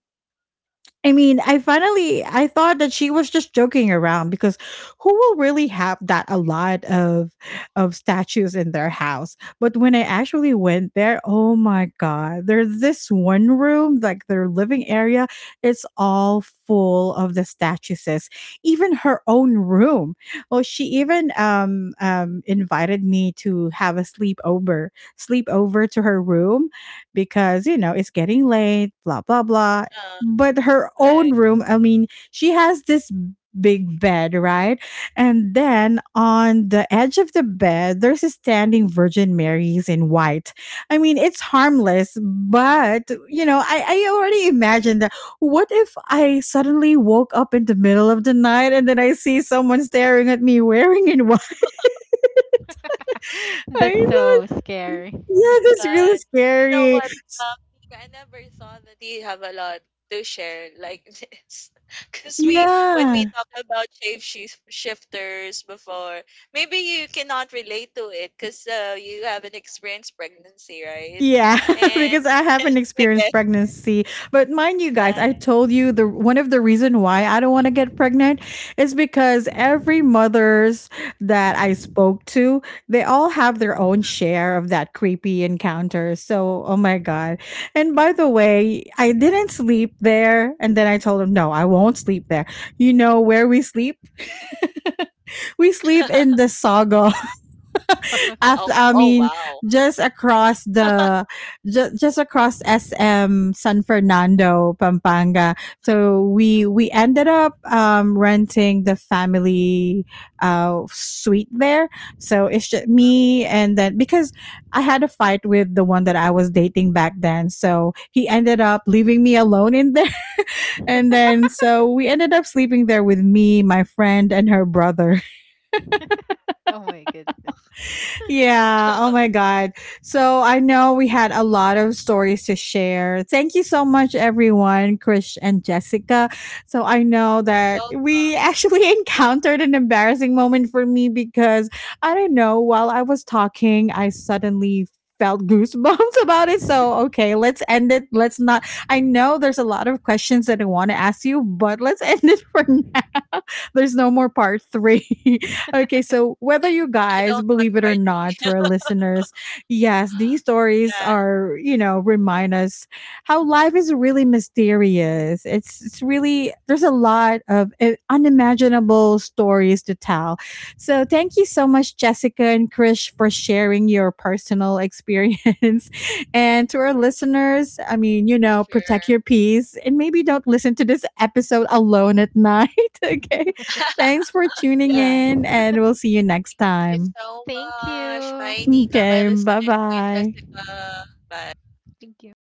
[SPEAKER 1] I mean, I thought that she was just joking around because who will really have that, a lot of statues in their house? But when I actually went there, oh my god, there's this one room, like their living area, it's all full of the statues. Even her own room. Well, she even invited me to have a sleepover, sleepover to her room because you know it's getting late, blah blah blah.
[SPEAKER 3] Uh,
[SPEAKER 1] But her own
[SPEAKER 3] right.
[SPEAKER 1] room, I mean, she has this big bed, right? And then on the edge of the bed, there's a standing virgin marys in white. I mean, it's harmless, but you know, I already imagined that what if I suddenly woke up in the middle of the night and then I see someone staring at me wearing in white.
[SPEAKER 2] That's
[SPEAKER 1] I
[SPEAKER 2] so
[SPEAKER 1] know,
[SPEAKER 2] scary.
[SPEAKER 3] Oh
[SPEAKER 1] yeah,
[SPEAKER 3] my
[SPEAKER 1] that's really
[SPEAKER 3] god. You know
[SPEAKER 1] scary.
[SPEAKER 3] what, Mika, I never thought that you have a lot to share like this. Because we, when we
[SPEAKER 1] Yeah,
[SPEAKER 3] talk about shifters before, maybe you cannot relate to it because you haven't experienced pregnancy, right?
[SPEAKER 1] Yeah,
[SPEAKER 3] And
[SPEAKER 1] because I haven't
[SPEAKER 3] I
[SPEAKER 1] experienced
[SPEAKER 3] guess
[SPEAKER 1] pregnancy. But mind you guys,
[SPEAKER 3] that.
[SPEAKER 1] I told you the one of the reason why I don't want to get pregnant is because every mothers that I spoke to, they all have their own share of that creepy encounter. So, oh my god. And by the way, I didn't sleep there and then I told him, "No, I won't sleep there." You know where we sleep? We sleep in the saga
[SPEAKER 2] So,
[SPEAKER 3] oh,
[SPEAKER 1] after, I
[SPEAKER 3] oh,
[SPEAKER 1] mean,
[SPEAKER 3] wow.
[SPEAKER 1] just across the just across SM San Fernando Pampanga. So we ended up renting the family suite there. So it's just
[SPEAKER 3] Uh,
[SPEAKER 1] me and then because I had a fight with the one that I was dating back then, so he ended up leaving me alone in there. And then so we ended up sleeping there with me, my friend, and her brother.
[SPEAKER 2] oh my goodness.
[SPEAKER 1] Yeah. Oh my God. So I know we had a lot of stories to share. Thank you so much, everyone, Krish and Jessica. So I know that
[SPEAKER 3] Welcome.
[SPEAKER 1] we actually encountered an embarrassing moment for me because I don't know, while I was talking, I suddenly felt goosebumps about it. So, okay, let's end it. Let's not. I know there's a lot of questions that I want to ask you, but let's end it for now. There's no more part three. Okay, so whether you
[SPEAKER 3] I
[SPEAKER 1] guys
[SPEAKER 3] don't want
[SPEAKER 1] believe it or
[SPEAKER 3] party.
[SPEAKER 1] not, to our listeners, yes, these stories
[SPEAKER 3] yeah,
[SPEAKER 1] are, you know, remind us how life is really mysterious. It's really, there's a lot of unimaginable stories to tell. So thank you so much, Jessica and Krish, for sharing your personal experience. And to our listeners, I mean, you know, protect
[SPEAKER 3] sure.
[SPEAKER 1] your peace and maybe don't listen to this episode alone at night. Okay. Thanks for tuning
[SPEAKER 3] Yeah.
[SPEAKER 2] Yes.
[SPEAKER 1] in, and we'll see you next
[SPEAKER 3] Thank you
[SPEAKER 1] time.
[SPEAKER 3] so
[SPEAKER 2] Thank
[SPEAKER 3] much. Bye,
[SPEAKER 2] you.
[SPEAKER 3] Nika. Bye,
[SPEAKER 1] Okay, bye
[SPEAKER 3] listeners. Bye,
[SPEAKER 1] bye.
[SPEAKER 3] Jessica. Bye.
[SPEAKER 2] Thank you.